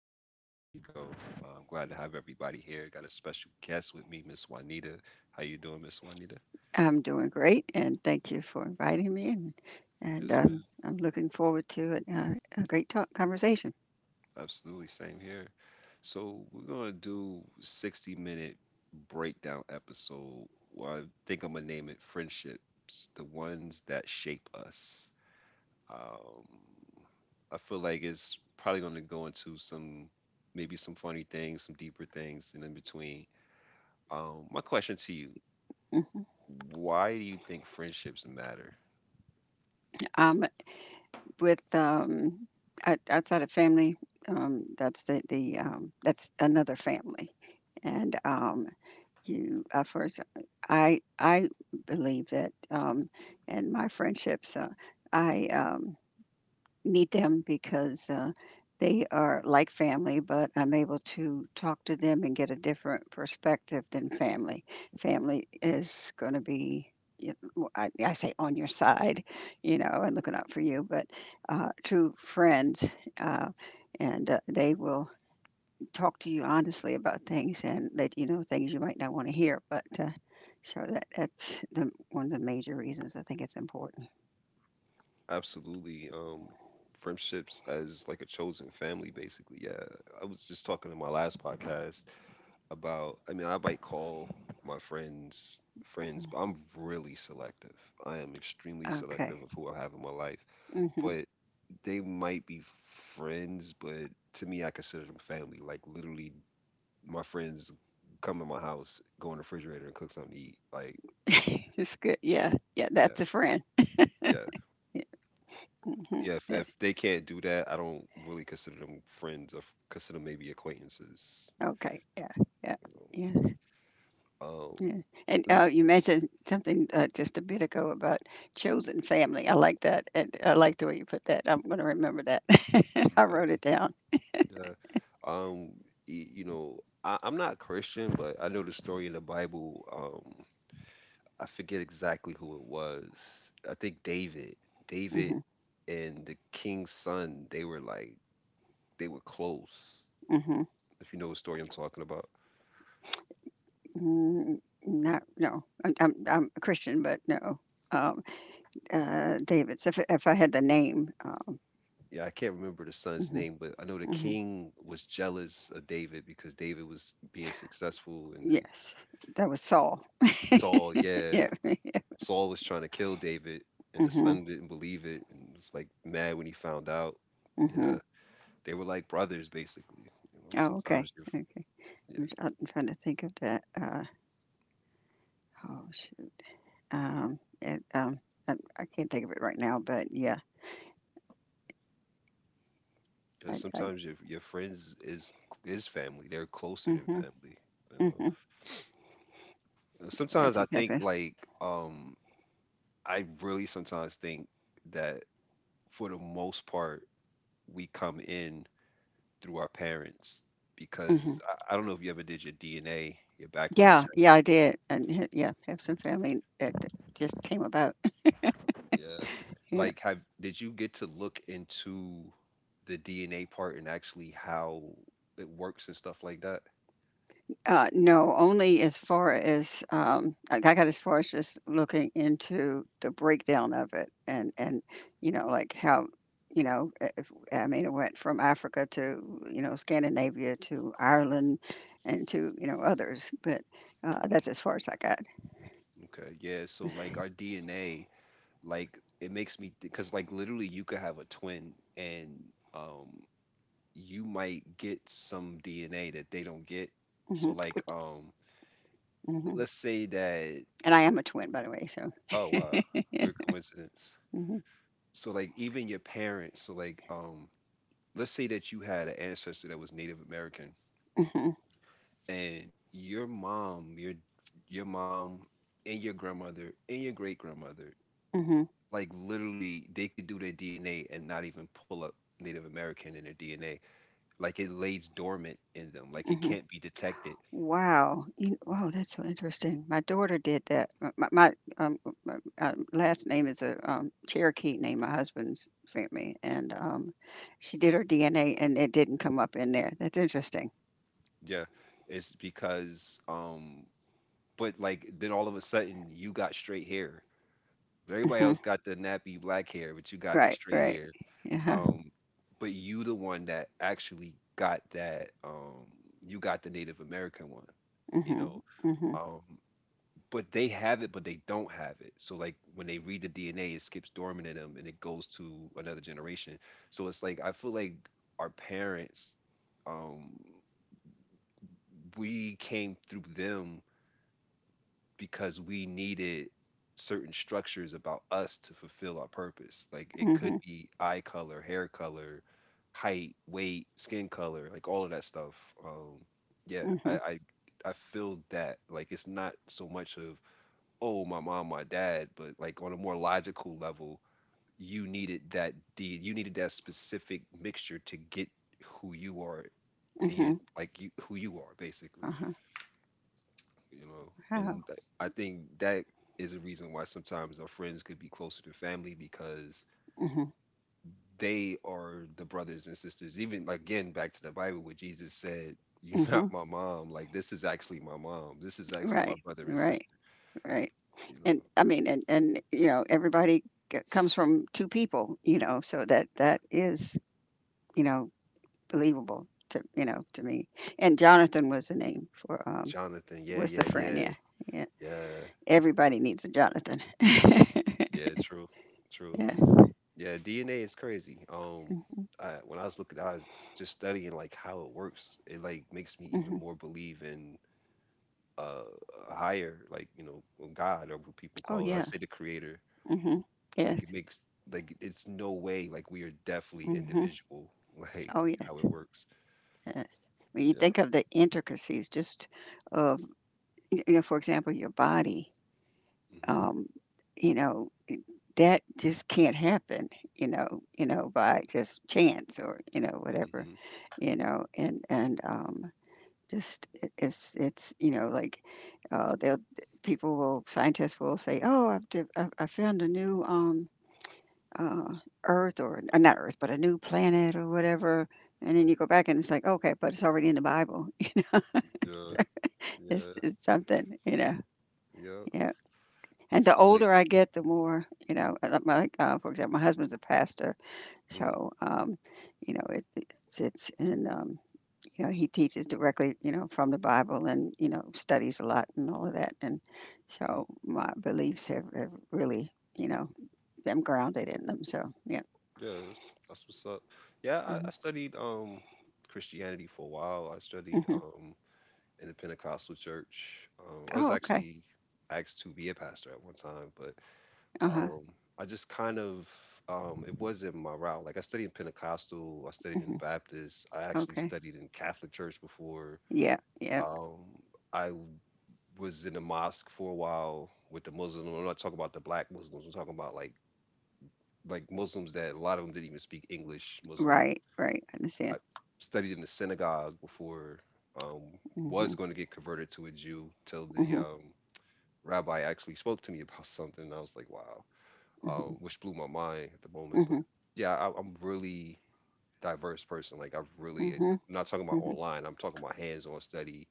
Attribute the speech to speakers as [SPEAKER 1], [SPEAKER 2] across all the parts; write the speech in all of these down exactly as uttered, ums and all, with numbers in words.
[SPEAKER 1] podcast. This is Rico. Uh, I'm glad to have everybody here. Got a special guest with me, Miss Juanita. How you doing, Miss Juanita?
[SPEAKER 2] I'm doing great, and thank you for inviting me. And, and
[SPEAKER 1] Yes,
[SPEAKER 2] um,
[SPEAKER 1] ma'am.
[SPEAKER 2] I'm looking forward to it, uh, a great talk conversation.
[SPEAKER 1] Absolutely. Same here. So we're gonna do sixty minute breakdown episode. Well, I think I'm gonna name it Friendships, the ones that shape us. Um, I feel like it's probably gonna go into some maybe some funny things, some deeper things, and in between Um, My question to you,
[SPEAKER 2] Mhm.
[SPEAKER 1] why do you think friendships matter?
[SPEAKER 2] Um, with um, out- outside of family, um, that's the, the um, that's another family, and um, you uh, first. I I believe that, um, and my friendships. Uh, I um, meet them because uh, they are like family, but I'm able to talk to them and get a different perspective than family. Family is going to be, you know, I, I say, on your side, you know, and looking out for you, but uh, true friends. Uh, and uh, they will talk to you honestly about things and let you know things you might not want to hear. But uh, so that, that's the, one of the major reasons I think it's important.
[SPEAKER 1] Absolutely. Um, friendships as like a chosen family, basically. Yeah. I was just talking in my last podcast about, I mean, I might call my friends friends, but I'm really selective. I am extremely
[SPEAKER 2] Okay.
[SPEAKER 1] selective of who I have in my life.
[SPEAKER 2] Mhm.
[SPEAKER 1] But they might be friends, but to me, I consider them family. Like literally, my friends come to my house, go in the refrigerator and cook something to eat. Like,
[SPEAKER 2] It's good. Yeah. Yeah.
[SPEAKER 1] yeah.
[SPEAKER 2] That's a friend.
[SPEAKER 1] Yeah.
[SPEAKER 2] Yeah. Hmm,
[SPEAKER 1] Yeah, if
[SPEAKER 2] yeah.
[SPEAKER 1] if they can't do that, I don't really consider them friends. I f- consider maybe acquaintances.
[SPEAKER 2] Okay. Yeah. Yeah.
[SPEAKER 1] You
[SPEAKER 2] Yes.
[SPEAKER 1] know, um,
[SPEAKER 2] Yeah. And uh,
[SPEAKER 1] just
[SPEAKER 2] you mentioned something uh, just a bit ago about chosen family. I like that. And I like the way you put that. I'm going to remember that. I wrote it down.
[SPEAKER 1] uh, um, y- you know, I, I'm not Christian, but I know the story in the Bible. Um, I forget exactly who it was. I think David, David,
[SPEAKER 2] Hmm.
[SPEAKER 1] and the king's son. They were like they were close.
[SPEAKER 2] Hmm.
[SPEAKER 1] If you know the story I'm talking about.
[SPEAKER 2] Mm, not, no. I'm, I'm, I'm a Christian, but no. Um, uh, David, so if, if I had the name. Um,
[SPEAKER 1] Yeah, I can't remember the son's
[SPEAKER 2] mhm,
[SPEAKER 1] name, but I know the
[SPEAKER 2] mhm.
[SPEAKER 1] king was jealous of David because David was being successful, and then
[SPEAKER 2] Yes. That was Saul.
[SPEAKER 1] Saul, yeah,
[SPEAKER 2] Yeah.
[SPEAKER 1] Saul was trying to kill David, and the
[SPEAKER 2] Hmm.
[SPEAKER 1] son didn't believe it and was like mad when he found out. Yeah,
[SPEAKER 2] Hmm.
[SPEAKER 1] they were like brothers basically. You know,
[SPEAKER 2] Oh,
[SPEAKER 1] sometimes
[SPEAKER 2] okay,
[SPEAKER 1] your
[SPEAKER 2] okay.
[SPEAKER 1] yeah,
[SPEAKER 2] I'm s- I'm trying to think of that. Uh, oh shoot. Um, it, um, I, I can't think of it right now, but yeah,
[SPEAKER 1] yeah,
[SPEAKER 2] I, I,
[SPEAKER 1] sometimes your your friends is is family. They're closer than
[SPEAKER 2] mm-hmm,
[SPEAKER 1] family. You know,
[SPEAKER 2] mm-hmm.
[SPEAKER 1] Uh,
[SPEAKER 2] Yes,
[SPEAKER 1] sometimes I think
[SPEAKER 2] exactly.
[SPEAKER 1] like um I really sometimes think that for the most part we come in through our parents
[SPEAKER 2] Hmm.
[SPEAKER 1] because I, I don't know if you ever did your D N A, your background
[SPEAKER 2] Yeah,
[SPEAKER 1] check.
[SPEAKER 2] yeah, I did, and h- yeah, have some family that just came about.
[SPEAKER 1] Yeah.
[SPEAKER 2] Yeah.
[SPEAKER 1] Like, have did you get to look into the D N A part and actually how it works and stuff like that?
[SPEAKER 2] Uh, no, only as far as um, I I got as far as just looking into the breakdown of it, and and you know, like how you know, i- if, I mean, it went from Africa to you know Scandinavia to Ireland and to you know others, but uh, that's as far as I got.
[SPEAKER 1] Okay. Yeah. So, like, our D N A, like, it makes me because, like, literally, you could have a twin and, um, you might get some D N A that they don't get. So,
[SPEAKER 2] Hmm.
[SPEAKER 1] like, um,
[SPEAKER 2] Hmm.
[SPEAKER 1] let's say that,
[SPEAKER 2] And I am a twin, by the way. So.
[SPEAKER 1] oh, wow, weird coincidence.
[SPEAKER 2] Hmm.
[SPEAKER 1] So like even your parents, so like um let's say that you had an ancestor that was Native American
[SPEAKER 2] Hmm.
[SPEAKER 1] and your mom your your mom and your grandmother and your great grandmother,
[SPEAKER 2] Hmm.
[SPEAKER 1] like literally they could do their D N A and not even pull up Native American in their D N A. Like it lays dormant in them, like it
[SPEAKER 2] Hmm.
[SPEAKER 1] can't be detected.
[SPEAKER 2] Wow. You wow, that's so interesting. My daughter did that. M my my, um, m m uh, last name is a, um, Cherokee name my husband's family, and, um, she did her D N A, and it didn't come up in there. That's interesting.
[SPEAKER 1] Yeah, it's because um but like then all of a sudden you got straight hair, but everybody
[SPEAKER 2] Mhm.
[SPEAKER 1] else got the nappy black hair but you got the
[SPEAKER 2] Right,
[SPEAKER 1] straight
[SPEAKER 2] right.
[SPEAKER 1] hair.
[SPEAKER 2] Yeah. Huh.
[SPEAKER 1] Um, but you the one that actually got that. Um, you got the Native American one. You
[SPEAKER 2] Mhm,
[SPEAKER 1] know,
[SPEAKER 2] mhm,
[SPEAKER 1] um, but they have it, but they don't have it. So like when they read the D N A, it skips dormant in them and it goes to another generation. So it's like I feel like our parents, um, we came through them because we needed certain structures about us to fulfill our purpose. Like it could
[SPEAKER 2] mhm,
[SPEAKER 1] be eye color, hair color, height, weight, skin color, like all of that stuff. Um, yeah, I,
[SPEAKER 2] mhm,
[SPEAKER 1] I I feel that like it's not so much of oh my mom, my dad, but like on a more logical level, you needed that deed, you needed that specific mixture to get who you are, and
[SPEAKER 2] mhm,
[SPEAKER 1] like you who you are basically.
[SPEAKER 2] uh-huh.
[SPEAKER 1] You know,
[SPEAKER 2] Wow.
[SPEAKER 1] and th- I think that is a reason why sometimes our friends could be closer to family because
[SPEAKER 2] Mhm,
[SPEAKER 1] they are the brothers and sisters, even like, again, back to the Bible where Jesus said you're not
[SPEAKER 2] mhm.
[SPEAKER 1] my mom, like this is actually my mom, this is actually my
[SPEAKER 2] Right,
[SPEAKER 1] brother and
[SPEAKER 2] right,
[SPEAKER 1] sister.
[SPEAKER 2] right.
[SPEAKER 1] You
[SPEAKER 2] And,
[SPEAKER 1] know,
[SPEAKER 2] I mean, and and, you know, everybody c comes from two people, you know, so that that is, you know believable to you
[SPEAKER 1] mhm.
[SPEAKER 2] know to me. And Jonathan was the name for um
[SPEAKER 1] Jonathan, yeah,
[SPEAKER 2] was the
[SPEAKER 1] yeah,
[SPEAKER 2] friend.
[SPEAKER 1] yeah,
[SPEAKER 2] Yeah, yeah.
[SPEAKER 1] yeah,
[SPEAKER 2] Everybody needs a Jonathan. Yeah.
[SPEAKER 1] yeah, true true yeah, D N A is crazy. Um I, when I was looking, I was just studying like how it works. It like makes me even
[SPEAKER 2] Hmm.
[SPEAKER 1] more believe in uh higher, like you know, or God or what people
[SPEAKER 2] Oh
[SPEAKER 1] call it. I
[SPEAKER 2] yeah.
[SPEAKER 1] say the Creator.
[SPEAKER 2] Hmm.
[SPEAKER 1] Like it
[SPEAKER 2] Yes.
[SPEAKER 1] makes, like it's no way, like we are definitely
[SPEAKER 2] Hmm.
[SPEAKER 1] individual like
[SPEAKER 2] Oh yes.
[SPEAKER 1] how it works.
[SPEAKER 2] Yes. When you think
[SPEAKER 1] Yeah.
[SPEAKER 2] of the intricacies, just of you know, for example, your body.
[SPEAKER 1] Hmm,
[SPEAKER 2] Um, you know, that just can't happen, you know, you know, by just chance or, you know, whatever,
[SPEAKER 1] hmm,
[SPEAKER 2] you know, and, and, um, just it it's it's, you know, like, uh, they'll people will scientists will say, "Oh, I've div I've I found a new, um, uh, Earth or uh, not Earth, but a new planet or whatever," and then you go back and it's like, "Okay, but it's already in the Bible."
[SPEAKER 1] yeah, yeah,
[SPEAKER 2] It's it's something, you know?
[SPEAKER 1] yeah,
[SPEAKER 2] Yeah, and the
[SPEAKER 1] so like,
[SPEAKER 2] older I get, the more, you know, uh, like my like, uh, for example, my husband's a pastor,
[SPEAKER 1] hmm,
[SPEAKER 2] so, um, you know, it it's it's and, um you know, he teaches directly, you know, from the Bible and, you know, studies a lot and all of that. And
[SPEAKER 1] hmm,
[SPEAKER 2] so my beliefs have, have really, you know, them grounded in them. So, yeah.
[SPEAKER 1] yeah, that's, that's what's up. Yeah, I,
[SPEAKER 2] Hmm.
[SPEAKER 1] I studied um Christianity for a while. I studied
[SPEAKER 2] Hmm.
[SPEAKER 1] um in the Pentecostal church. um I was
[SPEAKER 2] Oh, okay.
[SPEAKER 1] actually asked to be a pastor at one time, but
[SPEAKER 2] Uh huh.
[SPEAKER 1] Um, I just kind of um, it wasn't my route. Like I studied in Pentecostal, I studied in
[SPEAKER 2] Hmm.
[SPEAKER 1] Baptist, I actually
[SPEAKER 2] Okay.
[SPEAKER 1] studied in Catholic church before.
[SPEAKER 2] Yeah. Yeah.
[SPEAKER 1] Um, I w- was in the mosque for a while with the Muslim. I'm not talking about the black Muslims. I'm talking about like like Muslims that a lot of them didn't even speak English Muslim.
[SPEAKER 2] Right. Right. I
[SPEAKER 1] I
[SPEAKER 2] understand.
[SPEAKER 1] studied in the synagogue before. Um,
[SPEAKER 2] Hmm.
[SPEAKER 1] was going to get converted to a Jew till the
[SPEAKER 2] Hmm.
[SPEAKER 1] um, rabbi actually spoke to me about something. And I was like, wow, uh,
[SPEAKER 2] Hmm.
[SPEAKER 1] which blew my mind at the moment. But
[SPEAKER 2] Hmm.
[SPEAKER 1] yeah, I, I'm really diverse person. Like I've
[SPEAKER 2] Hmm.
[SPEAKER 1] really, eh, I'm not talking about
[SPEAKER 2] Hmm.
[SPEAKER 1] online. I'm talking about hands-on study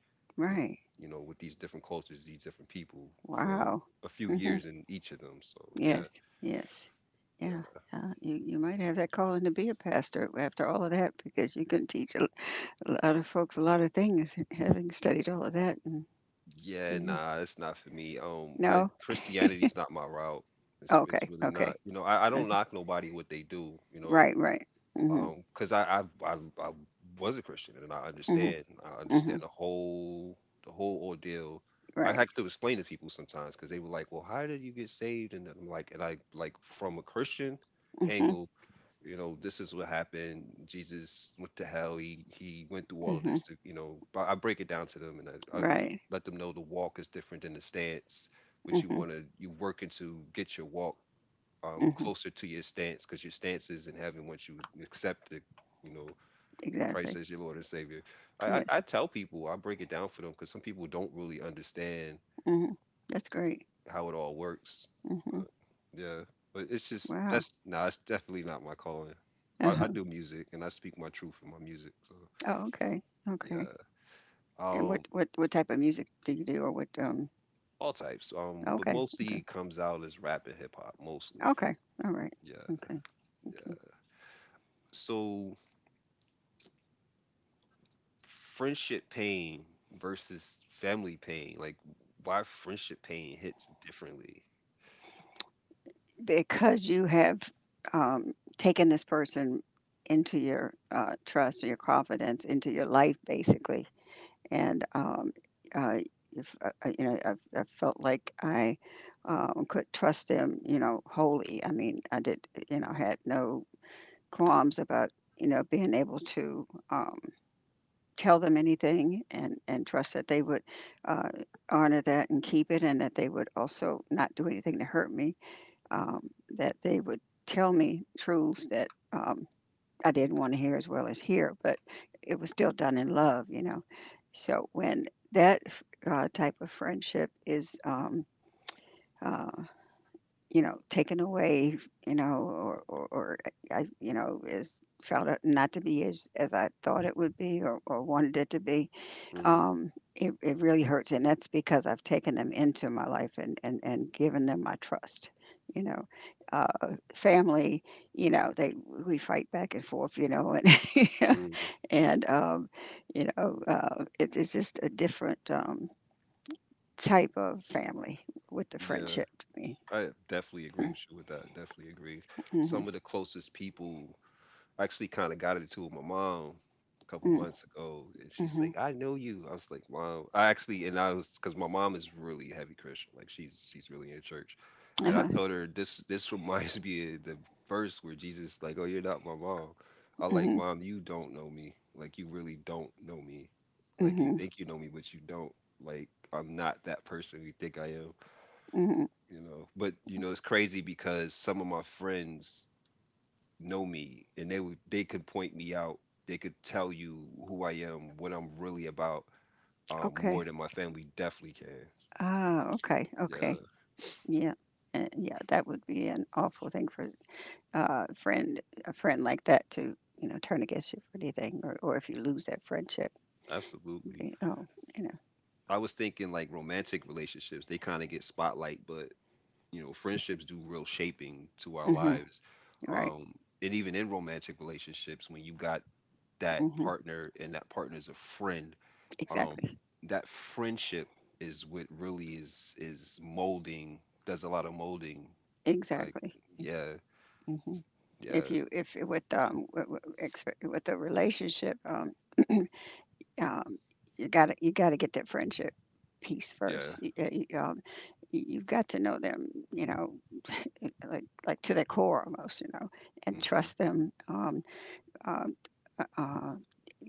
[SPEAKER 1] with,
[SPEAKER 2] Right.
[SPEAKER 1] you know, with these different cultures, these different people for
[SPEAKER 2] Wow.
[SPEAKER 1] a few
[SPEAKER 2] Mhm.
[SPEAKER 1] years in each of them. So yeah,
[SPEAKER 2] Yes, yes. Yeah,
[SPEAKER 1] yeah,
[SPEAKER 2] yeah. You you might have that calling to be a pastor after all of that because you can teach a a lot of folks a lot of things having studied all of that and
[SPEAKER 1] yeah.
[SPEAKER 2] yeah.
[SPEAKER 1] Nah, it's not for me. Um, I,
[SPEAKER 2] No?
[SPEAKER 1] Christianity's not my route. It's it's
[SPEAKER 2] Okay,
[SPEAKER 1] really
[SPEAKER 2] okay,
[SPEAKER 1] not. You know, I, I don't
[SPEAKER 2] okay.
[SPEAKER 1] knock nobody what they do. You know,
[SPEAKER 2] Right, right. Mhm,
[SPEAKER 1] Um, because I, I I I was a Christian and I
[SPEAKER 2] mhm,
[SPEAKER 1] understand I understand
[SPEAKER 2] mhm.
[SPEAKER 1] the whole the whole ordeal. I had
[SPEAKER 2] Right.
[SPEAKER 1] to explain to people sometimes because they were like, "Well, how did you get saved?" And I'm like, and I like from a Christian
[SPEAKER 2] Mhm,
[SPEAKER 1] angle, you know, this is what happened. Jesus went to hell. He he went through all of
[SPEAKER 2] mhm.
[SPEAKER 1] this to, you know, but I break it down to them and I, I
[SPEAKER 2] Right.
[SPEAKER 1] let them know the walk is different than the stance, but you
[SPEAKER 2] Mhm,
[SPEAKER 1] want to, you working to get your walk um,
[SPEAKER 2] mhm.
[SPEAKER 1] closer to your stance because your stance is in heaven once you accept the, you know, Christ
[SPEAKER 2] Exactly.
[SPEAKER 1] as your Lord and Savior. I, I,
[SPEAKER 2] Yes.
[SPEAKER 1] I tell people, I break it down for them because some people don't really understand
[SPEAKER 2] Mhm. That's great.
[SPEAKER 1] how it all works.
[SPEAKER 2] Mhm.
[SPEAKER 1] But, yeah, but it's just
[SPEAKER 2] Wow.
[SPEAKER 1] that's no, nah, it's definitely not my calling. I, I
[SPEAKER 2] Uh-huh.
[SPEAKER 1] do music and I speak my truth in my music. So
[SPEAKER 2] Oh, okay. Okay.
[SPEAKER 1] yeah,
[SPEAKER 2] And
[SPEAKER 1] um,
[SPEAKER 2] what what what type of music do you do or what um
[SPEAKER 1] all types. Um, but
[SPEAKER 2] okay,
[SPEAKER 1] mostly
[SPEAKER 2] okay.
[SPEAKER 1] it comes out as rap and hip hop. Mostly,
[SPEAKER 2] Okay. All right.
[SPEAKER 1] yeah,
[SPEAKER 2] Okay. Okay.
[SPEAKER 1] yeah. So friendship pain versus family pain, like why friendship pain hits differently.
[SPEAKER 2] Because you have um, taken this person into your uh, trust or your confidence into your life basically and um, uh, if, uh, uh, you know I've, I felt like I um, could trust them you know wholly I mean I did you know had no qualms about you know being able to um, tell them anything and, and trust that they would uh, honor that and keep it and that they would also not do anything to hurt me, um, that they would tell me truths that um, I didn't want to hear as well as hear, but it was still done in love, you know. So when that uh, type of friendship is, um, uh, you know, taken away, you know, or, or, or I, you know, is felt not to be as, as I thought it would be or, or wanted it to be,
[SPEAKER 1] Hmm,
[SPEAKER 2] um, it, it really hurts, and that's because I've taken them into my life and and and given them my trust. You know, uh, family. You know, they we fight back and forth. You know, and
[SPEAKER 1] hmm.
[SPEAKER 2] and um, you know, uh, it's it's just a different um, type of family with the
[SPEAKER 1] Yeah,
[SPEAKER 2] friendship to me.
[SPEAKER 1] I definitely agree with you with that. Definitely agree.
[SPEAKER 2] Mm-hmm,
[SPEAKER 1] Some of the closest people, I actually kind of got into it with my mom a couple
[SPEAKER 2] mm,
[SPEAKER 1] months ago, and she's like,
[SPEAKER 2] mm-hmm,
[SPEAKER 1] "I know you." I was like, "Mom, I actually," and I was because my mom is really heavy Christian, like she's she's really in church, and I
[SPEAKER 2] uh-huh,
[SPEAKER 1] told her this this reminds me of the verse where Jesus like, "Oh, you're not my mom." I like,
[SPEAKER 2] mm-hmm,
[SPEAKER 1] "Mom, you don't know me. Like, you really don't know me. Like, you
[SPEAKER 2] mm-hmm,
[SPEAKER 1] think you know me, but you don't. Like, I'm not that person you think I am."
[SPEAKER 2] mm-hmm.
[SPEAKER 1] You know, but you know, it's crazy because some of my friends know me and they would they could point me out, they could tell you who I am, what I'm really about, um, more
[SPEAKER 2] Okay.
[SPEAKER 1] than my family definitely can.
[SPEAKER 2] Ah, okay, okay.
[SPEAKER 1] Yeah,
[SPEAKER 2] Yeah. Uh, yeah, that would be an awful thing for uh, friend a friend like that to you know turn against you for anything, or, or if you lose that friendship,
[SPEAKER 1] absolutely.
[SPEAKER 2] you know, you
[SPEAKER 1] I was thinking like romantic relationships, they kind of get spotlight, but you know, friendships do real shaping to our
[SPEAKER 2] know, hmm
[SPEAKER 1] lives.
[SPEAKER 2] right,
[SPEAKER 1] um, and even in romantic relationships, when you got that
[SPEAKER 2] hmm
[SPEAKER 1] partner and that partner is a friend, um,
[SPEAKER 2] exactly,
[SPEAKER 1] that friendship is what really is is molding, does a lot of molding. Like,
[SPEAKER 2] exactly.
[SPEAKER 1] yeah,
[SPEAKER 2] Hmm. If
[SPEAKER 1] yeah,
[SPEAKER 2] you if it- with um w- w- expe- with a relationship, um, um, you gotta you gotta get that friendship piece
[SPEAKER 1] yeah.
[SPEAKER 2] first. You, uh, you, um, you- you've got to know them, you know, like like to the core almost, you know, and
[SPEAKER 1] Mm-hmm.
[SPEAKER 2] trust them. Um, uh, uh, uh,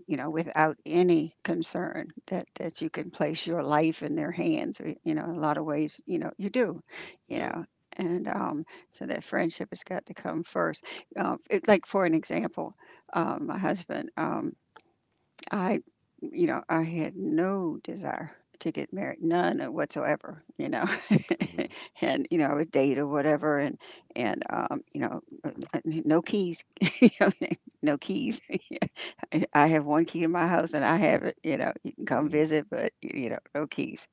[SPEAKER 2] you know, without any concern that that you can place your life in their hands. We- You know, in a lot of ways, you know, you do,
[SPEAKER 1] Mm-hmm,
[SPEAKER 2] you
[SPEAKER 1] yeah.
[SPEAKER 2] know, and um, so that friendship has got to come first. Uh, it, like for an example, um, my husband, um, I, you know, I had no desire to get married, none whatsoever, you know,
[SPEAKER 1] Mm-hmm.
[SPEAKER 2] and you know, I would date or whatever, and and um, you know, uh, uh, no keys, you know, no keys I I have one key to my house and I have it, you know, you can come visit, but y- you know, no keys.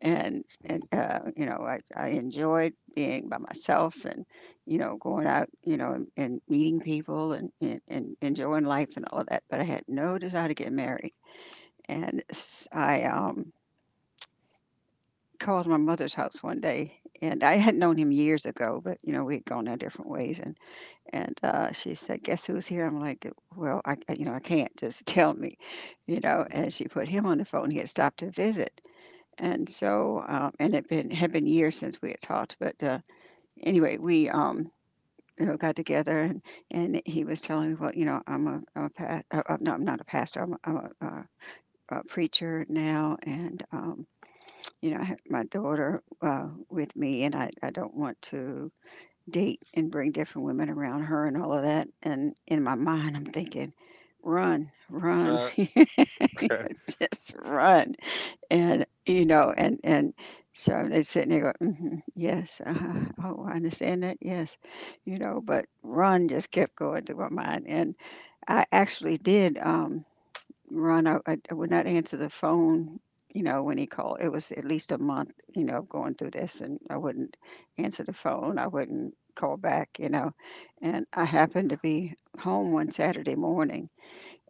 [SPEAKER 2] And and
[SPEAKER 1] Mm-hmm.
[SPEAKER 2] uh, you know, I, I enjoyed being by myself and, you know, going out, you know, and, and meeting people and, and, and enjoying life and all that. But I had no desire to get married. And s- I um called my mother's house one day and I had known him years ago, but you know, we had gone our different ways and uh, she said, "Guess who's here?" I'm like, "Well, I, I- you know, I can't just tell me, you know."
[SPEAKER 1] Mm-hmm.
[SPEAKER 2] And she put him on the phone. He had stopped to visit, and so um, and it been had been years since we had talked. But uh, anyway, we um, you know, got together, and and he was telling me, "Well, you know, I'm a I'm a pa- uh, uh, no, I'm not a pastor. I'm a, I'm a, uh a preacher now, and um, you know, I have my daughter uh, with me, and I I don't want to." date and bring different women around her and all of that. And in my mind, I'm thinking, run, run, you just run. And, you know, and, and so they sit and they go, hmm yes, uh oh, I understand that, yes, you know, but run just kept going through my mind. And I actually did. Um, Ron, I, I I would not answer the phone, you know, when he called. It was at least a month, you know, of going through this, and I wouldn't answer the phone. I wouldn't call back, you know. And I happened to be home one Saturday morning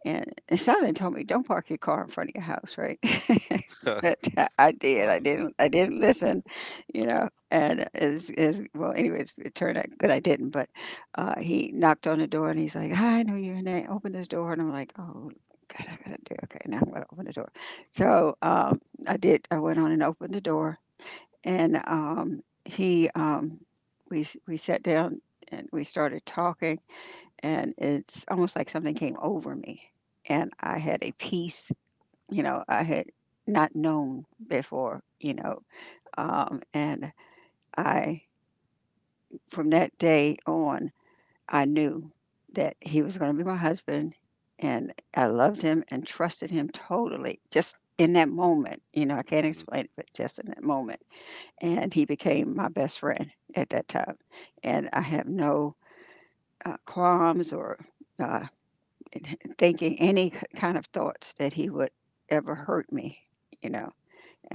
[SPEAKER 2] and, and somebody told me, "Don't park your car in front of your house," right? but I did. I
[SPEAKER 1] Wow.
[SPEAKER 2] didn't. I didn't listen, you know. And is is well, anyways, it turned out good. I didn't. But uh, he knocked on the door and he's like, "Hi, I know you're in there. Open this door," and I'm like, "Oh, God, I gotta do okay. Now I'm gonna open the door." So um, I did. I went on and opened the door, and um, he um, we s- we sat down and we started talking, and it's almost like something came over me and I had a peace you know I had not known before you know um, and i from that day on, I knew that he was going to be my husband. And I loved him and trusted him totally just in that moment. you know I can't
[SPEAKER 1] Mm-hmm.
[SPEAKER 2] explain it, but just in that moment. And he became my best friend at that time, and I have no uh, qualms or uh, thinking any k- kind of thoughts that he would ever hurt me, you know.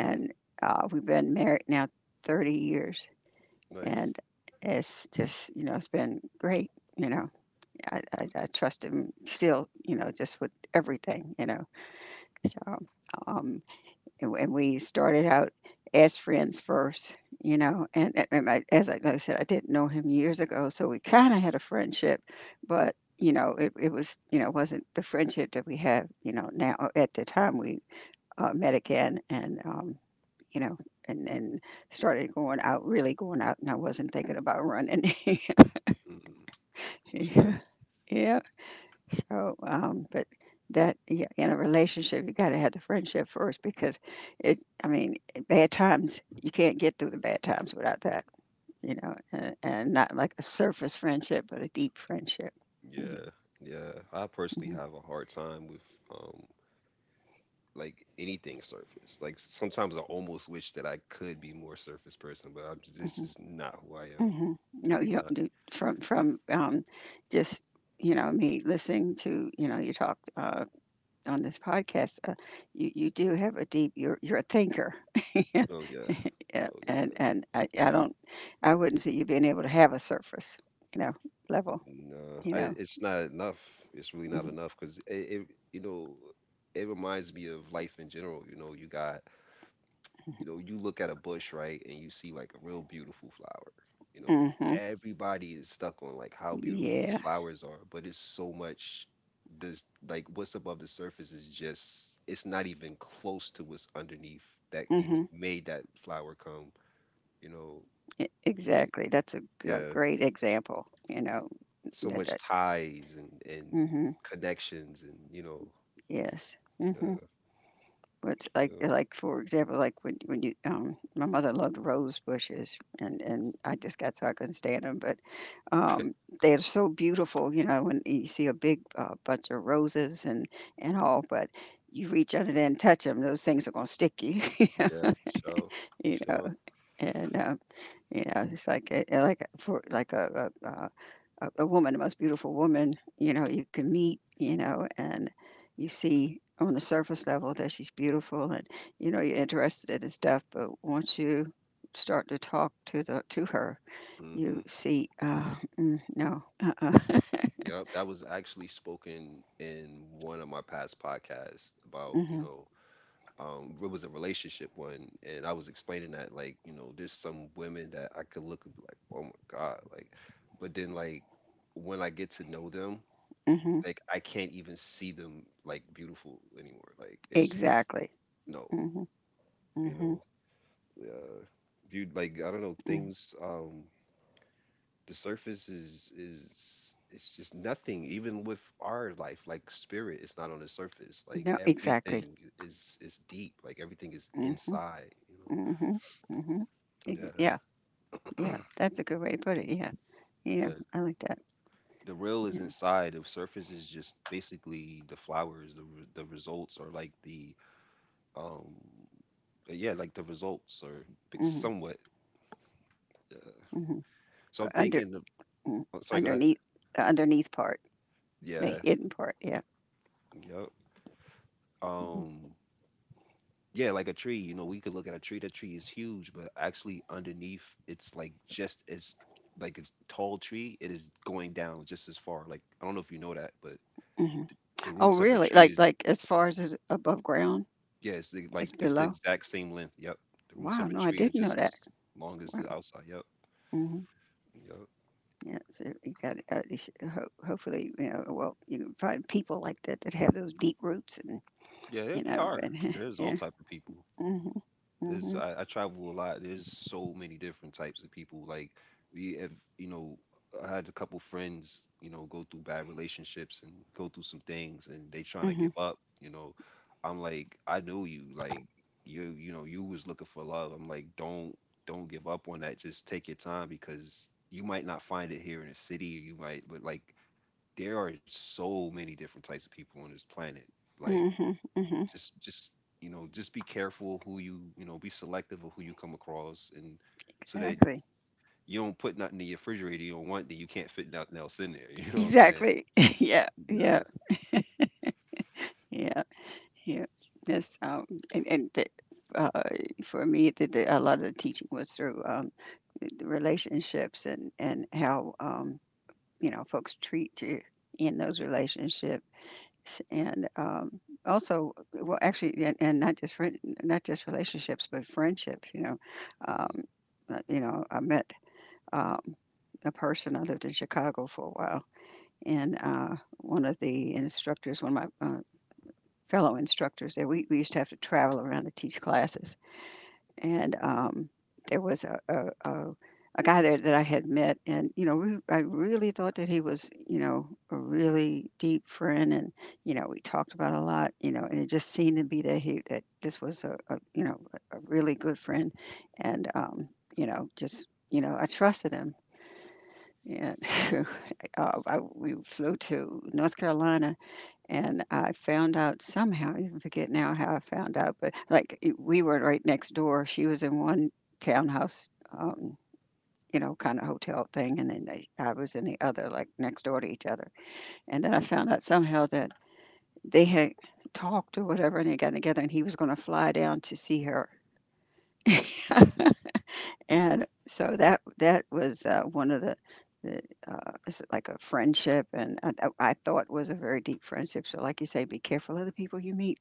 [SPEAKER 1] Mm-hmm.
[SPEAKER 2] uh, we've been married now thirty years,
[SPEAKER 1] Nice.
[SPEAKER 2] and it's just, you know, it's been great. You know, I, I, I trust him still, you know, just with everything, you know. So, um, and and we started out as friends first, you know. And, and and I, as I, like I said, I didn't know him years ago, so we kind of had a friendship, but you know, it, it was you know wasn't the friendship that we have, you know. Now uh, at the time we uh, met again, and um, you know. And, and started going out, really going out, and I wasn't thinking about running.
[SPEAKER 1] Mm-hmm. It's nice.
[SPEAKER 2] Yeah. So, um, but that yeah, in a relationship, you got to have the friendship first because it. I mean, eh, bad times, you can't get through the bad times without that. You know, and, and not like a surface friendship, but a deep friendship. Yeah.
[SPEAKER 1] Yeah. Yeah. I personally
[SPEAKER 2] Hmm.
[SPEAKER 1] have a hard time with um like anything surface. Like s- sometimes I almost wish that I could be more surface person, but I'm just, this
[SPEAKER 2] Hmm.
[SPEAKER 1] is not who I am.
[SPEAKER 2] Hmm. No,
[SPEAKER 1] Really
[SPEAKER 2] you don't.
[SPEAKER 1] not.
[SPEAKER 2] Do from from um, Just, you know me listening to, you know you talk uh, on this podcast. Uh, you you do have a deep. You're you're a thinker.
[SPEAKER 1] Oh yeah.
[SPEAKER 2] Yeah,
[SPEAKER 1] Oh
[SPEAKER 2] and
[SPEAKER 1] yeah.
[SPEAKER 2] and I, I don't, I wouldn't see you being able to have a surface, you know, level,
[SPEAKER 1] No,
[SPEAKER 2] you
[SPEAKER 1] I,
[SPEAKER 2] know.
[SPEAKER 1] it's not enough. It's really not enough because it, it, you know, it reminds me of life in general. You know, you got, you know, you look at a bush, right, and you see like a real beautiful flower. You know,
[SPEAKER 2] Hmm. Hmm.
[SPEAKER 1] everybody is stuck on like how beautiful these
[SPEAKER 2] Yeah.
[SPEAKER 1] flowers are, but it's so much. This like what's above the surface is just, it's not even close to what's underneath that even
[SPEAKER 2] Hmm.
[SPEAKER 1] made that flower come. You know, like
[SPEAKER 2] Exactly. That's a, g- a
[SPEAKER 1] yeah,
[SPEAKER 2] great example, you know.
[SPEAKER 1] so
[SPEAKER 2] That,
[SPEAKER 1] much
[SPEAKER 2] that,
[SPEAKER 1] ties and and
[SPEAKER 2] hmm,
[SPEAKER 1] connections and you know
[SPEAKER 2] yes. Hmm.
[SPEAKER 1] uh,
[SPEAKER 2] Which, like
[SPEAKER 1] yeah,
[SPEAKER 2] like for example, like when when you um my mother loved rose bushes, and and I just got so I couldn't stand them, but um, they're so beautiful, you know, and you see a big uh, bunch of roses and and all, but you reach under there and touch them; those things are gonna stick you.
[SPEAKER 1] yeah, for sure, for
[SPEAKER 2] you know.
[SPEAKER 1] sure.
[SPEAKER 2] And uh, you know, it's like a, like a- for like a a, uh, a a woman, the most beautiful woman, you know, you can meet, you know, and you see on the surface level that she's beautiful, and you know you're interested in stuff. But once you start to talk to the to her, you
[SPEAKER 1] Hmm.
[SPEAKER 2] see, uh, mm, no, uh-uh.
[SPEAKER 1] Yep, that was actually spoken in one of my past podcasts about you
[SPEAKER 2] Mhm,
[SPEAKER 1] know um It was a relationship one, and I was explaining that, like, you know, there's some women that I could look and be like, oh my God, like, but then, like, when I get to know them,
[SPEAKER 2] mhm,
[SPEAKER 1] like, I can't even see them like beautiful anymore, like it's just
[SPEAKER 2] exactly.
[SPEAKER 1] no,
[SPEAKER 2] Mhm,
[SPEAKER 1] you know
[SPEAKER 2] mhm,
[SPEAKER 1] uh, viewed like I don't know
[SPEAKER 2] mhm.
[SPEAKER 1] things. Um, the surface is is it's just nothing. Even with our life, like spirit, it's not on the surface. Like
[SPEAKER 2] No, exactly.
[SPEAKER 1] everything is is deep. Like everything is
[SPEAKER 2] Mhm,
[SPEAKER 1] inside. You know.
[SPEAKER 2] mhm, mhm.
[SPEAKER 1] Yeah,
[SPEAKER 2] Yeah, yeah, that's a good way to put it. Yeah, yeah,
[SPEAKER 1] yeah.
[SPEAKER 2] I like that.
[SPEAKER 1] The real is
[SPEAKER 2] Yeah,
[SPEAKER 1] inside. The surface is just basically the flowers. The re- the results are like the um yeah, like the results are big-
[SPEAKER 2] mhm,
[SPEAKER 1] somewhat. Uh,
[SPEAKER 2] mhm.
[SPEAKER 1] so I'm
[SPEAKER 2] But under
[SPEAKER 1] thinking. The-
[SPEAKER 2] mm,
[SPEAKER 1] oh, sorry, go ahead.
[SPEAKER 2] Underneath, the underneath part, the
[SPEAKER 1] Yeah.
[SPEAKER 2] hidden part, yeah,
[SPEAKER 1] Yep.
[SPEAKER 2] mhm,
[SPEAKER 1] Um, Yeah, like a tree. You know, we could look at a tree. That tree is huge, but actually underneath, it's like just as like a tall tree. It is going down just as far. Like I don't know if you know that, but
[SPEAKER 2] mhm.
[SPEAKER 1] th- the
[SPEAKER 2] Oh,
[SPEAKER 1] roots of a
[SPEAKER 2] really?
[SPEAKER 1] tree
[SPEAKER 2] Like
[SPEAKER 1] is
[SPEAKER 2] like as far as it's above ground,
[SPEAKER 1] yeah, it's the,
[SPEAKER 2] it's
[SPEAKER 1] like it's the
[SPEAKER 2] below?
[SPEAKER 1] exact same length. Yep, the roots
[SPEAKER 2] Wow,
[SPEAKER 1] of a
[SPEAKER 2] no, I
[SPEAKER 1] tree are
[SPEAKER 2] didn't know
[SPEAKER 1] just as
[SPEAKER 2] that.
[SPEAKER 1] long as
[SPEAKER 2] Wow,
[SPEAKER 1] the outside. Yep,
[SPEAKER 2] mhm.
[SPEAKER 1] yep.
[SPEAKER 2] Yeah, so you got, uh, you should, ho- hopefully, you know, well, you can find people like that that have those deep roots, and
[SPEAKER 1] Yeah, there,
[SPEAKER 2] you
[SPEAKER 1] there
[SPEAKER 2] know but
[SPEAKER 1] are. There's all
[SPEAKER 2] yeah.
[SPEAKER 1] type of people.
[SPEAKER 2] Mhm.
[SPEAKER 1] There's
[SPEAKER 2] Mhm.
[SPEAKER 1] I, I travel a lot. There's so many different types of people. Like we have, you know, I had a couple friends, you know, go through bad relationships and go through some things, and they trying to
[SPEAKER 2] Mhm.
[SPEAKER 1] give up. You know, I'm like, I know you. Like you, you know, you was looking for love. I'm like, don't don't give up on that. Just take your time because you might not find it here in the city. You might, but like there are so many different types of people on this planet. Like
[SPEAKER 2] Mhm. Mhm.
[SPEAKER 1] just just you know, just be careful who you, you know, be selective of who you come across, and so that
[SPEAKER 2] Exactly.
[SPEAKER 1] you don't put nothing in your refrigerator you don't want, that you can't fit nothing else in there. You know what I'm saying?
[SPEAKER 2] Exactly. Yeah, yeah,
[SPEAKER 1] Yeah.
[SPEAKER 2] yeah, yeah, yes. Um and and the, uh, for me, the, the, a lot of the teaching was through um the the relationships and and how um you know folks treat you in those relationships. S- and um, also, well, actually, and, and not just friend, not just relationships but friendships, you know. um,
[SPEAKER 1] Mhm.
[SPEAKER 2] uh, you know I met, um, a person. I lived in Chicago for a while, and uh, one of the instructors one of my uh, fellow instructors there, we, we used to have to travel around to teach classes. And um, there was a, a, a a guy there that I had met, and you know, re- I really thought that he was, you know, a really deep friend. And you know, we talked about a lot, you know, and it just seemed to be that he that this was a, a you know a a really good friend. And um, you know, just you know, I trusted him. And uh, I, we flew to North Carolina, and I found out somehow, I even forget now how I found out, but like it- we were right next door. She was in one townhouse, um, you know, kind of hotel thing, and then they, I was in the other, like next door to each other. And then I found out somehow that they had talked or whatever, and they got together, and he was going to fly down to see her. And so that that was uh, one of the. the uh, it's like a friendship, and I, I thought was a very deep friendship. So, like you say, be careful of the people you meet.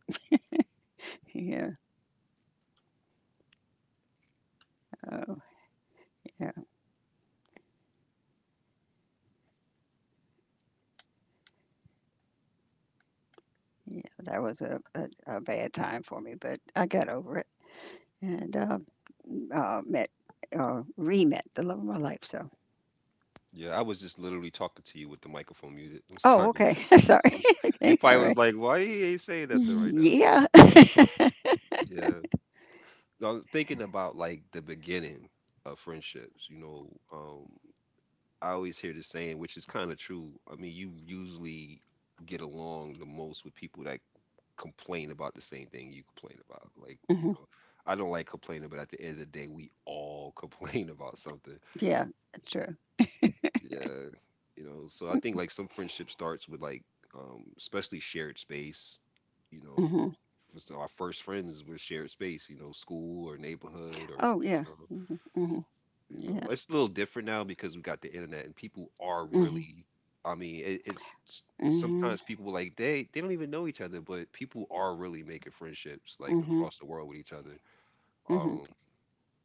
[SPEAKER 2] Yeah. Uh, Yeah, yeah, that was a a a bad time for me, but I got over it and, um, uh, met, uh, re-met the love of my life, so.
[SPEAKER 1] Yeah, I was just literally talking to you with the microphone muted. I'm
[SPEAKER 2] Oh,
[SPEAKER 1] sorry about
[SPEAKER 2] okay.
[SPEAKER 1] that.
[SPEAKER 2] Sorry.
[SPEAKER 1] You
[SPEAKER 2] Okay,
[SPEAKER 1] probably was
[SPEAKER 2] alright.
[SPEAKER 1] like, why you ain't saying nothing right now?
[SPEAKER 2] Yeah.
[SPEAKER 1] Yeah, I'm thinking about like the beginning of friendships you know um I always hear the saying, which is kind of true. I mean, you usually get along the most with people that complain about the same thing you complain about. Like, you
[SPEAKER 2] Mhm.
[SPEAKER 1] know, I don't like complaining, but at the end of the day, we all complain about something.
[SPEAKER 2] Yeah, that's true.
[SPEAKER 1] Yeah, you know. So I think like some friendship starts with like, um, especially shared space. You know,
[SPEAKER 2] Mhm.
[SPEAKER 1] for so our first friends were shared space. You know, school or neighborhood or
[SPEAKER 2] Oh, yeah.
[SPEAKER 1] you know.
[SPEAKER 2] Mhm, mhm.
[SPEAKER 1] You know,
[SPEAKER 2] Yeah.
[SPEAKER 1] it's a little different now because we got the internet and people are
[SPEAKER 2] Mhm,
[SPEAKER 1] really, I mean, it, it's s-
[SPEAKER 2] mhm, mhm,
[SPEAKER 1] sometimes people like they they don't even know each other, but people are really making friendships like
[SPEAKER 2] mhm,
[SPEAKER 1] across the world with each other.
[SPEAKER 2] mhm.
[SPEAKER 1] Um,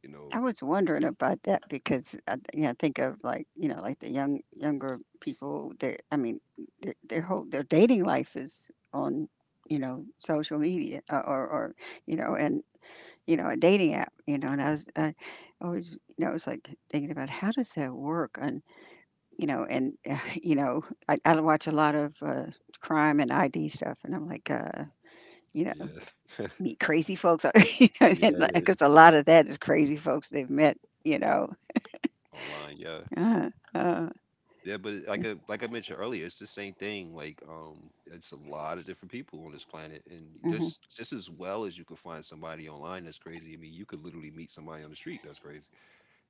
[SPEAKER 1] you
[SPEAKER 2] I
[SPEAKER 1] know,
[SPEAKER 2] was wondering about that because I, th- yeah, I think of like, you know like the young younger people. Their I mean their their whole their dating life is on, you know social media, uh, or or you know and you know a dating app. You know, and I was, I always, you know I was, like, thinking about how does that work, and you know and uh, you know I, I watch a lot of uh, crime and I D stuff, and I'm like. uh you know,
[SPEAKER 1] yeah,
[SPEAKER 2] meet crazy folks, you know
[SPEAKER 1] yeah, it is
[SPEAKER 2] because a lot of that is crazy folks they've met, you know,
[SPEAKER 1] online, yeah.
[SPEAKER 2] Uh, uh,
[SPEAKER 1] Yeah, but it- like
[SPEAKER 2] yeah,
[SPEAKER 1] I, like I mentioned earlier, it's the same thing. Like, um, it's a lot of different people on this planet, and
[SPEAKER 2] mhm,
[SPEAKER 1] just just as well as you could find somebody online that's crazy. I mean, you could literally meet somebody on the street that's crazy,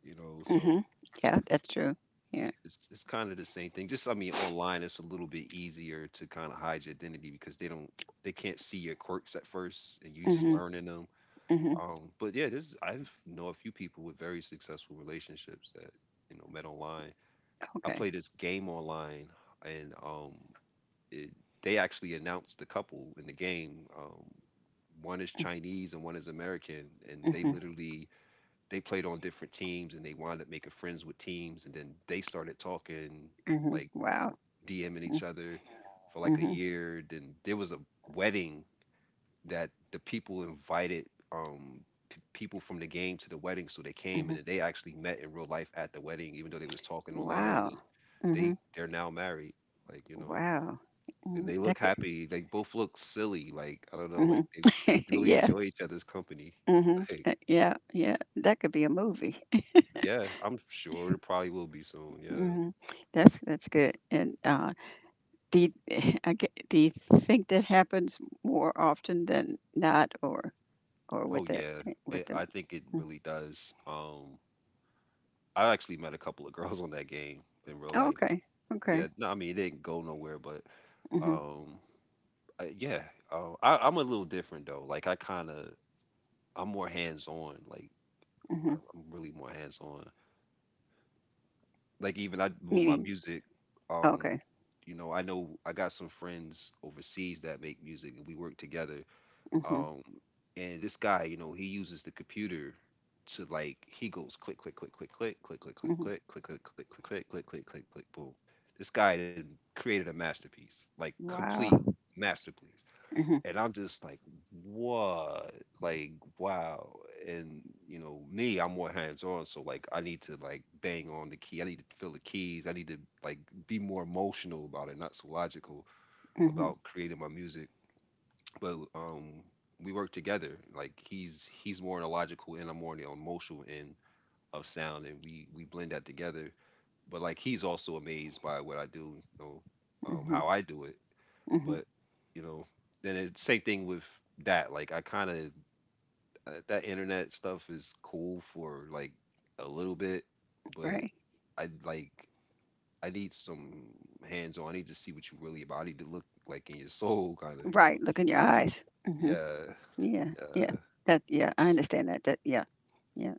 [SPEAKER 1] you know. So
[SPEAKER 2] mhm. Yeah, that's true. Yeah.
[SPEAKER 1] It's it's kind of the same thing. Just I mean, online it's a little bit easier to kind of hide your identity because they don't they can't see your quirks at first, and you just
[SPEAKER 2] Mhm,
[SPEAKER 1] learning them.
[SPEAKER 2] mhm.
[SPEAKER 1] Um, but yeah, this I know a few people with very successful relationships that, you know, met online. I
[SPEAKER 2] Okay.
[SPEAKER 1] play this game online, and um, it, they actually announced the couple in the game. Um, one is Chinese and one is American, and they
[SPEAKER 2] Mhm,
[SPEAKER 1] literally they played on different teams, and they wound up making friends with teams, and then they started talking,
[SPEAKER 2] mhm.
[SPEAKER 1] like,
[SPEAKER 2] Wow.
[SPEAKER 1] D Ming each
[SPEAKER 2] Mm,
[SPEAKER 1] other for like a
[SPEAKER 2] mhm,
[SPEAKER 1] year. Then there was a wedding that the people invited um p- people from the game to the wedding, so they came
[SPEAKER 2] mhm.
[SPEAKER 1] and then they actually met in real life at the wedding, even though they was talking online,
[SPEAKER 2] Wow.
[SPEAKER 1] and they
[SPEAKER 2] Mhm.
[SPEAKER 1] they're now married. Like you know.
[SPEAKER 2] Wow.
[SPEAKER 1] And
[SPEAKER 2] Mhm,
[SPEAKER 1] they look
[SPEAKER 2] that could.
[SPEAKER 1] happy. They both look silly. Like I don't know. Like
[SPEAKER 2] Mhm.
[SPEAKER 1] they, they really
[SPEAKER 2] Yeah.
[SPEAKER 1] enjoy each other's company.
[SPEAKER 2] Mhm.
[SPEAKER 1] Like
[SPEAKER 2] uh, Yeah. Yeah. That could be a movie.
[SPEAKER 1] yeah, I'm sure it probably will be soon. Yeah.
[SPEAKER 2] Mhm. That's that's good. And uh, do you, I get, do you think that happens more often than not? or or with
[SPEAKER 1] Oh
[SPEAKER 2] the
[SPEAKER 1] yeah,
[SPEAKER 2] with
[SPEAKER 1] it,
[SPEAKER 2] the?
[SPEAKER 1] I think it
[SPEAKER 2] Mm.
[SPEAKER 1] really does. Um, I actually met a couple of girls on that game in real
[SPEAKER 2] Oh,
[SPEAKER 1] life.
[SPEAKER 2] okay. Okay.
[SPEAKER 1] Yeah, no, I mean it didn't go nowhere, but
[SPEAKER 2] Mhm.
[SPEAKER 1] um, I, yeah, uh, I, I'm a little different though. Like I kind of, I'm more hands on. Like
[SPEAKER 2] Mhm.
[SPEAKER 1] I- I'm really more hands on. Like even I with my
[SPEAKER 2] Meaning?
[SPEAKER 1] music, um,
[SPEAKER 2] Okay.
[SPEAKER 1] you know, I know I got some friends overseas that make music, and we work together.
[SPEAKER 2] Mhm.
[SPEAKER 1] Um, and this guy, you know, he uses the computer to like he goes click click click click click click click click
[SPEAKER 2] Mhm.
[SPEAKER 1] click click click click click click click click click click boom. This guy done created a masterpiece, like complete
[SPEAKER 2] Wow.
[SPEAKER 1] masterpiece.
[SPEAKER 2] Mhm.
[SPEAKER 1] And I'm just like, what? Like, wow. And you know, me, I'm more hands on, so like I need to like bang on the key. I need to feel the keys. I need to like be more emotional about it, not so logical
[SPEAKER 2] Mhm.
[SPEAKER 1] about creating my music, but um, we work together like he's he's more on the logical and I'm more on the emotional end of sound, and we we blend that together. But like he's also amazed by what I do, you know, um,
[SPEAKER 2] Mhm.
[SPEAKER 1] how I do it.
[SPEAKER 2] Mhm.
[SPEAKER 1] But you know, then it's same thing with that. Like I kind of, uh, that internet stuff is cool for like a little bit, but
[SPEAKER 2] Right.
[SPEAKER 1] I like, I need some hands on. I need to see what you really about. I need to look like in your soul, kind of, you know.
[SPEAKER 2] Right. Look in your eyes. Mhm.
[SPEAKER 1] Yeah,
[SPEAKER 2] Yeah. Yeah.
[SPEAKER 1] yeah,
[SPEAKER 2] That. Yeah. I understand that. That. Yeah. Yeah.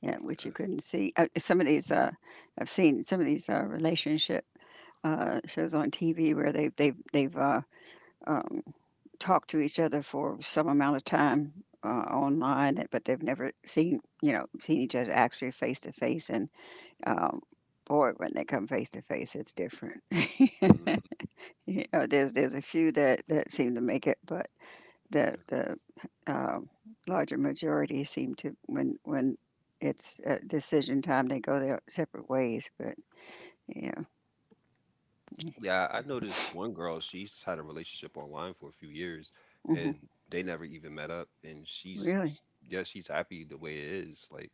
[SPEAKER 2] Yeah. Which you
[SPEAKER 1] yeah.
[SPEAKER 2] couldn't see. Uh, some of these. Uh, I've seen some of these uh, relationship uh, shows on T V where they've they've they've uh, um, talked to each other for some amount of time, uh, online, but they've never seen you know seen each other actually face to face, and Um, boy, when they come face to face, it's different.
[SPEAKER 1] Mhm.
[SPEAKER 2] you know, there's there's a few that that seem to make it, but the
[SPEAKER 1] Yeah.
[SPEAKER 2] the um, larger majority seem to, when when it's uh, decision time, they go their separate ways. But yeah.
[SPEAKER 1] Yeah, I noticed one girl, she's had a relationship online for a few years
[SPEAKER 2] Hmm,
[SPEAKER 1] and they never even met up, and she's
[SPEAKER 2] really?
[SPEAKER 1] yeah, she's happy the way it is. Like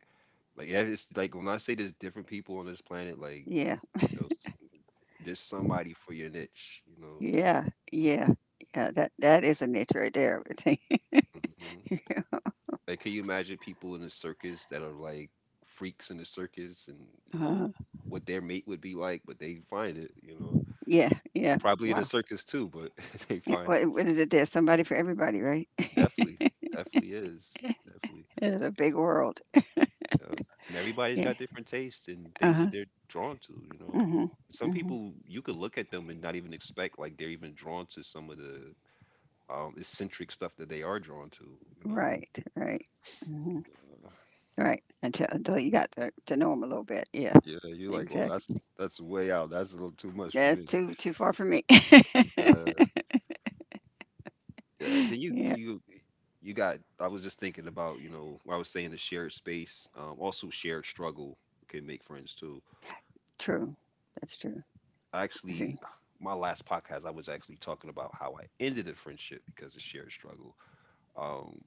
[SPEAKER 1] like yeah, it's like when I say there's different people on this planet, like,
[SPEAKER 2] Yeah,
[SPEAKER 1] you know, s- there's somebody for your niche, you know.
[SPEAKER 2] yeah, yeah, yeah. That that is a niche right there, I would think.
[SPEAKER 1] Hmm. Like can you imagine people in a circus that are like freaks in the circus and, you know,
[SPEAKER 2] Uh,
[SPEAKER 1] what their mate would be like, but they find it, you know.
[SPEAKER 2] yeah, yeah.
[SPEAKER 1] Probably in a
[SPEAKER 2] Wow.
[SPEAKER 1] circus too, but they
[SPEAKER 2] Yeah.
[SPEAKER 1] find
[SPEAKER 2] What,
[SPEAKER 1] it.
[SPEAKER 2] what is it? There's somebody for everybody, right?
[SPEAKER 1] Definitely, definitely is, definitely.
[SPEAKER 2] It's a big world.
[SPEAKER 1] Uh, and everybody's
[SPEAKER 2] Yeah.
[SPEAKER 1] got different tastes and
[SPEAKER 2] Uh
[SPEAKER 1] things
[SPEAKER 2] huh.
[SPEAKER 1] that they're drawn to, you know.
[SPEAKER 2] Mhm,
[SPEAKER 1] Some
[SPEAKER 2] mhm.
[SPEAKER 1] people you could look at them and not even expect like they're even drawn to some of the um, eccentric stuff that they are drawn to, you know.
[SPEAKER 2] Right, right. Mhm,
[SPEAKER 1] Uh,
[SPEAKER 2] right, until until you got to to know 'em a little bit. Yeah,
[SPEAKER 1] yeah, you're like, well, that's
[SPEAKER 2] exactly.
[SPEAKER 1] that's way out. That's a little too much for
[SPEAKER 2] That's
[SPEAKER 1] me.
[SPEAKER 2] too too far for me.
[SPEAKER 1] Yeah, yeah. Then you
[SPEAKER 2] Yeah,
[SPEAKER 1] you you got. I was just thinking about, you know, what I was saying, the shared space, um, also shared struggle can make friends too.
[SPEAKER 2] true. That's true.
[SPEAKER 1] I
[SPEAKER 2] I see.
[SPEAKER 1] actually, my last podcast I was actually talking about how I ended a friendship because of shared struggle. Um,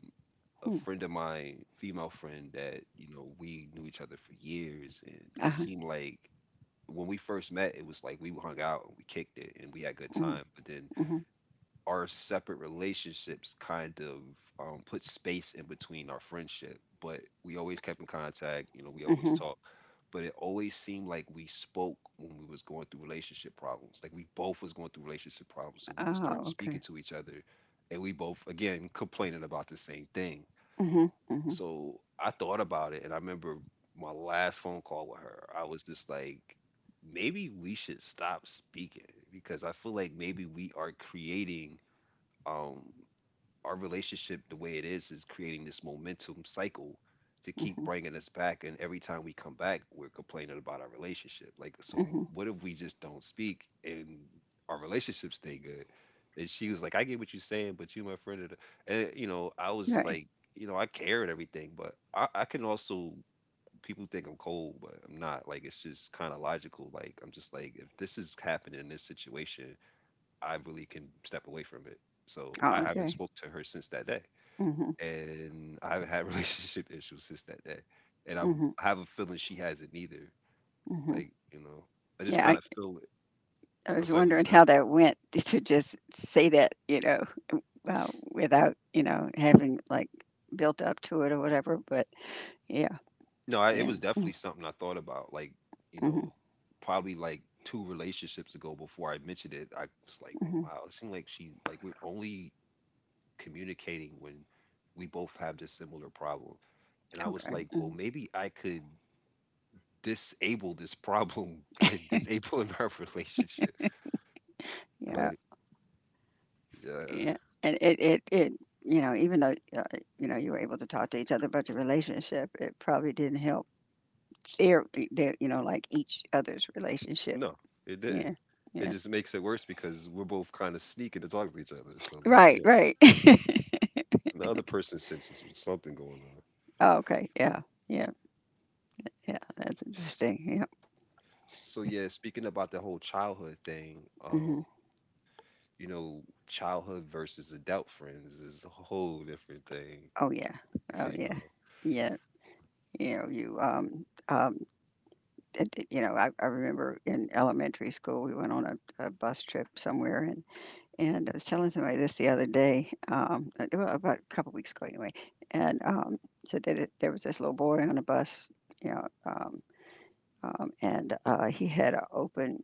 [SPEAKER 1] a
[SPEAKER 2] Hmm,
[SPEAKER 1] friend of mine, female friend that you know we knew each other for years, and it
[SPEAKER 2] uh-huh.
[SPEAKER 1] seemed like when we first met, it was like we hung out and we kicked it and we had a good
[SPEAKER 2] Mhm,
[SPEAKER 1] time. But then
[SPEAKER 2] mhm,
[SPEAKER 1] our separate relationships kind of um, put space in between our friendship. But we always kept in contact. You know, we always
[SPEAKER 2] mhm.
[SPEAKER 1] talked. But it always seemed like we spoke when we was going through relationship problems. Like we both was going through relationship problems, so we would
[SPEAKER 2] Oh,
[SPEAKER 1] start
[SPEAKER 2] okay.
[SPEAKER 1] speaking to each other, and we both again complaining about the same thing.
[SPEAKER 2] Mhm, mhm,
[SPEAKER 1] So I thought about it, and I remember my last phone call with her. I was just like, maybe we should stop speaking because I feel like maybe we are creating um our relationship the way it is is creating this momentum cycle to keep
[SPEAKER 2] mhm,
[SPEAKER 1] bringing us back, and every time we come back we're complaining about our relationship. Like, so
[SPEAKER 2] mhm.
[SPEAKER 1] what if we just don't speak and our relationship stay good? And she was like, I get what you're saying, but you, my friend, are the-" and you know i was
[SPEAKER 2] Right.
[SPEAKER 1] like, you know I care and everything, but i, I can also. People think I'm cold, but I'm not. Like, it's just kind of logical. Like, I'm just like, if this is happening in this situation, I really can step away from it. So
[SPEAKER 2] Oh,
[SPEAKER 1] I haven't
[SPEAKER 2] okay.
[SPEAKER 1] spoke to her since that day,
[SPEAKER 2] Mhm,
[SPEAKER 1] and I haven't had relationship issues since that day, and I
[SPEAKER 2] mhm,
[SPEAKER 1] have a feeling she hasn't either.
[SPEAKER 2] mhm.
[SPEAKER 1] Like, you know, I just
[SPEAKER 2] Yeah,
[SPEAKER 1] kind
[SPEAKER 2] I
[SPEAKER 1] of feel it.
[SPEAKER 2] I
[SPEAKER 1] I'm
[SPEAKER 2] was
[SPEAKER 1] sorry, what you
[SPEAKER 2] wondering
[SPEAKER 1] said?
[SPEAKER 2] how that went to just say that, you know, uh, without, you know, having, like, built up to it or whatever, but yeah,
[SPEAKER 1] No, I, it
[SPEAKER 2] yeah.
[SPEAKER 1] was
[SPEAKER 2] Mm,
[SPEAKER 1] definitely something I thought about. Like, you
[SPEAKER 2] mhm,
[SPEAKER 1] know, probably like two relationships ago before I mentioned it, I was like,
[SPEAKER 2] mhm.
[SPEAKER 1] wow, it seemed like she like we're only communicating when we both have this similar problem. And I was
[SPEAKER 2] Okay,
[SPEAKER 1] like, well,
[SPEAKER 2] mhm.
[SPEAKER 1] maybe I could disable this problem by disabling our relationship.
[SPEAKER 2] Yeah,
[SPEAKER 1] Like, yeah,
[SPEAKER 2] yeah. And it it it you know, even though, uh, you know, you were able to talk to each other about your relationship, it probably didn't help their their you know, like, each other's relationship.
[SPEAKER 1] no, it
[SPEAKER 2] Yeah,
[SPEAKER 1] didn't. It
[SPEAKER 2] yeah.
[SPEAKER 1] just makes it worse because we're both kind of sneaking to talk to each other. So, like,
[SPEAKER 2] Right,
[SPEAKER 1] yeah,
[SPEAKER 2] right.
[SPEAKER 1] the other person senses something going on.
[SPEAKER 2] Oh, okay, yeah, yeah, yeah, that's interesting. Yeah.
[SPEAKER 1] So, yeah, speaking about the whole childhood thing,
[SPEAKER 2] Mhm.
[SPEAKER 1] um, you know, childhood versus adult friends is a whole different thing,
[SPEAKER 2] Oh, yeah. Oh,
[SPEAKER 1] you
[SPEAKER 2] yeah.
[SPEAKER 1] know.
[SPEAKER 2] Yeah, you know, you, um um, it it you know, I I remember in elementary school, we went on a a bus trip somewhere, and And I was telling somebody this the other day, um, uh, well, about a couple weeks ago anyway. And um, so that it, there was this little boy on a bus, you know, um, um, and uh, he had an open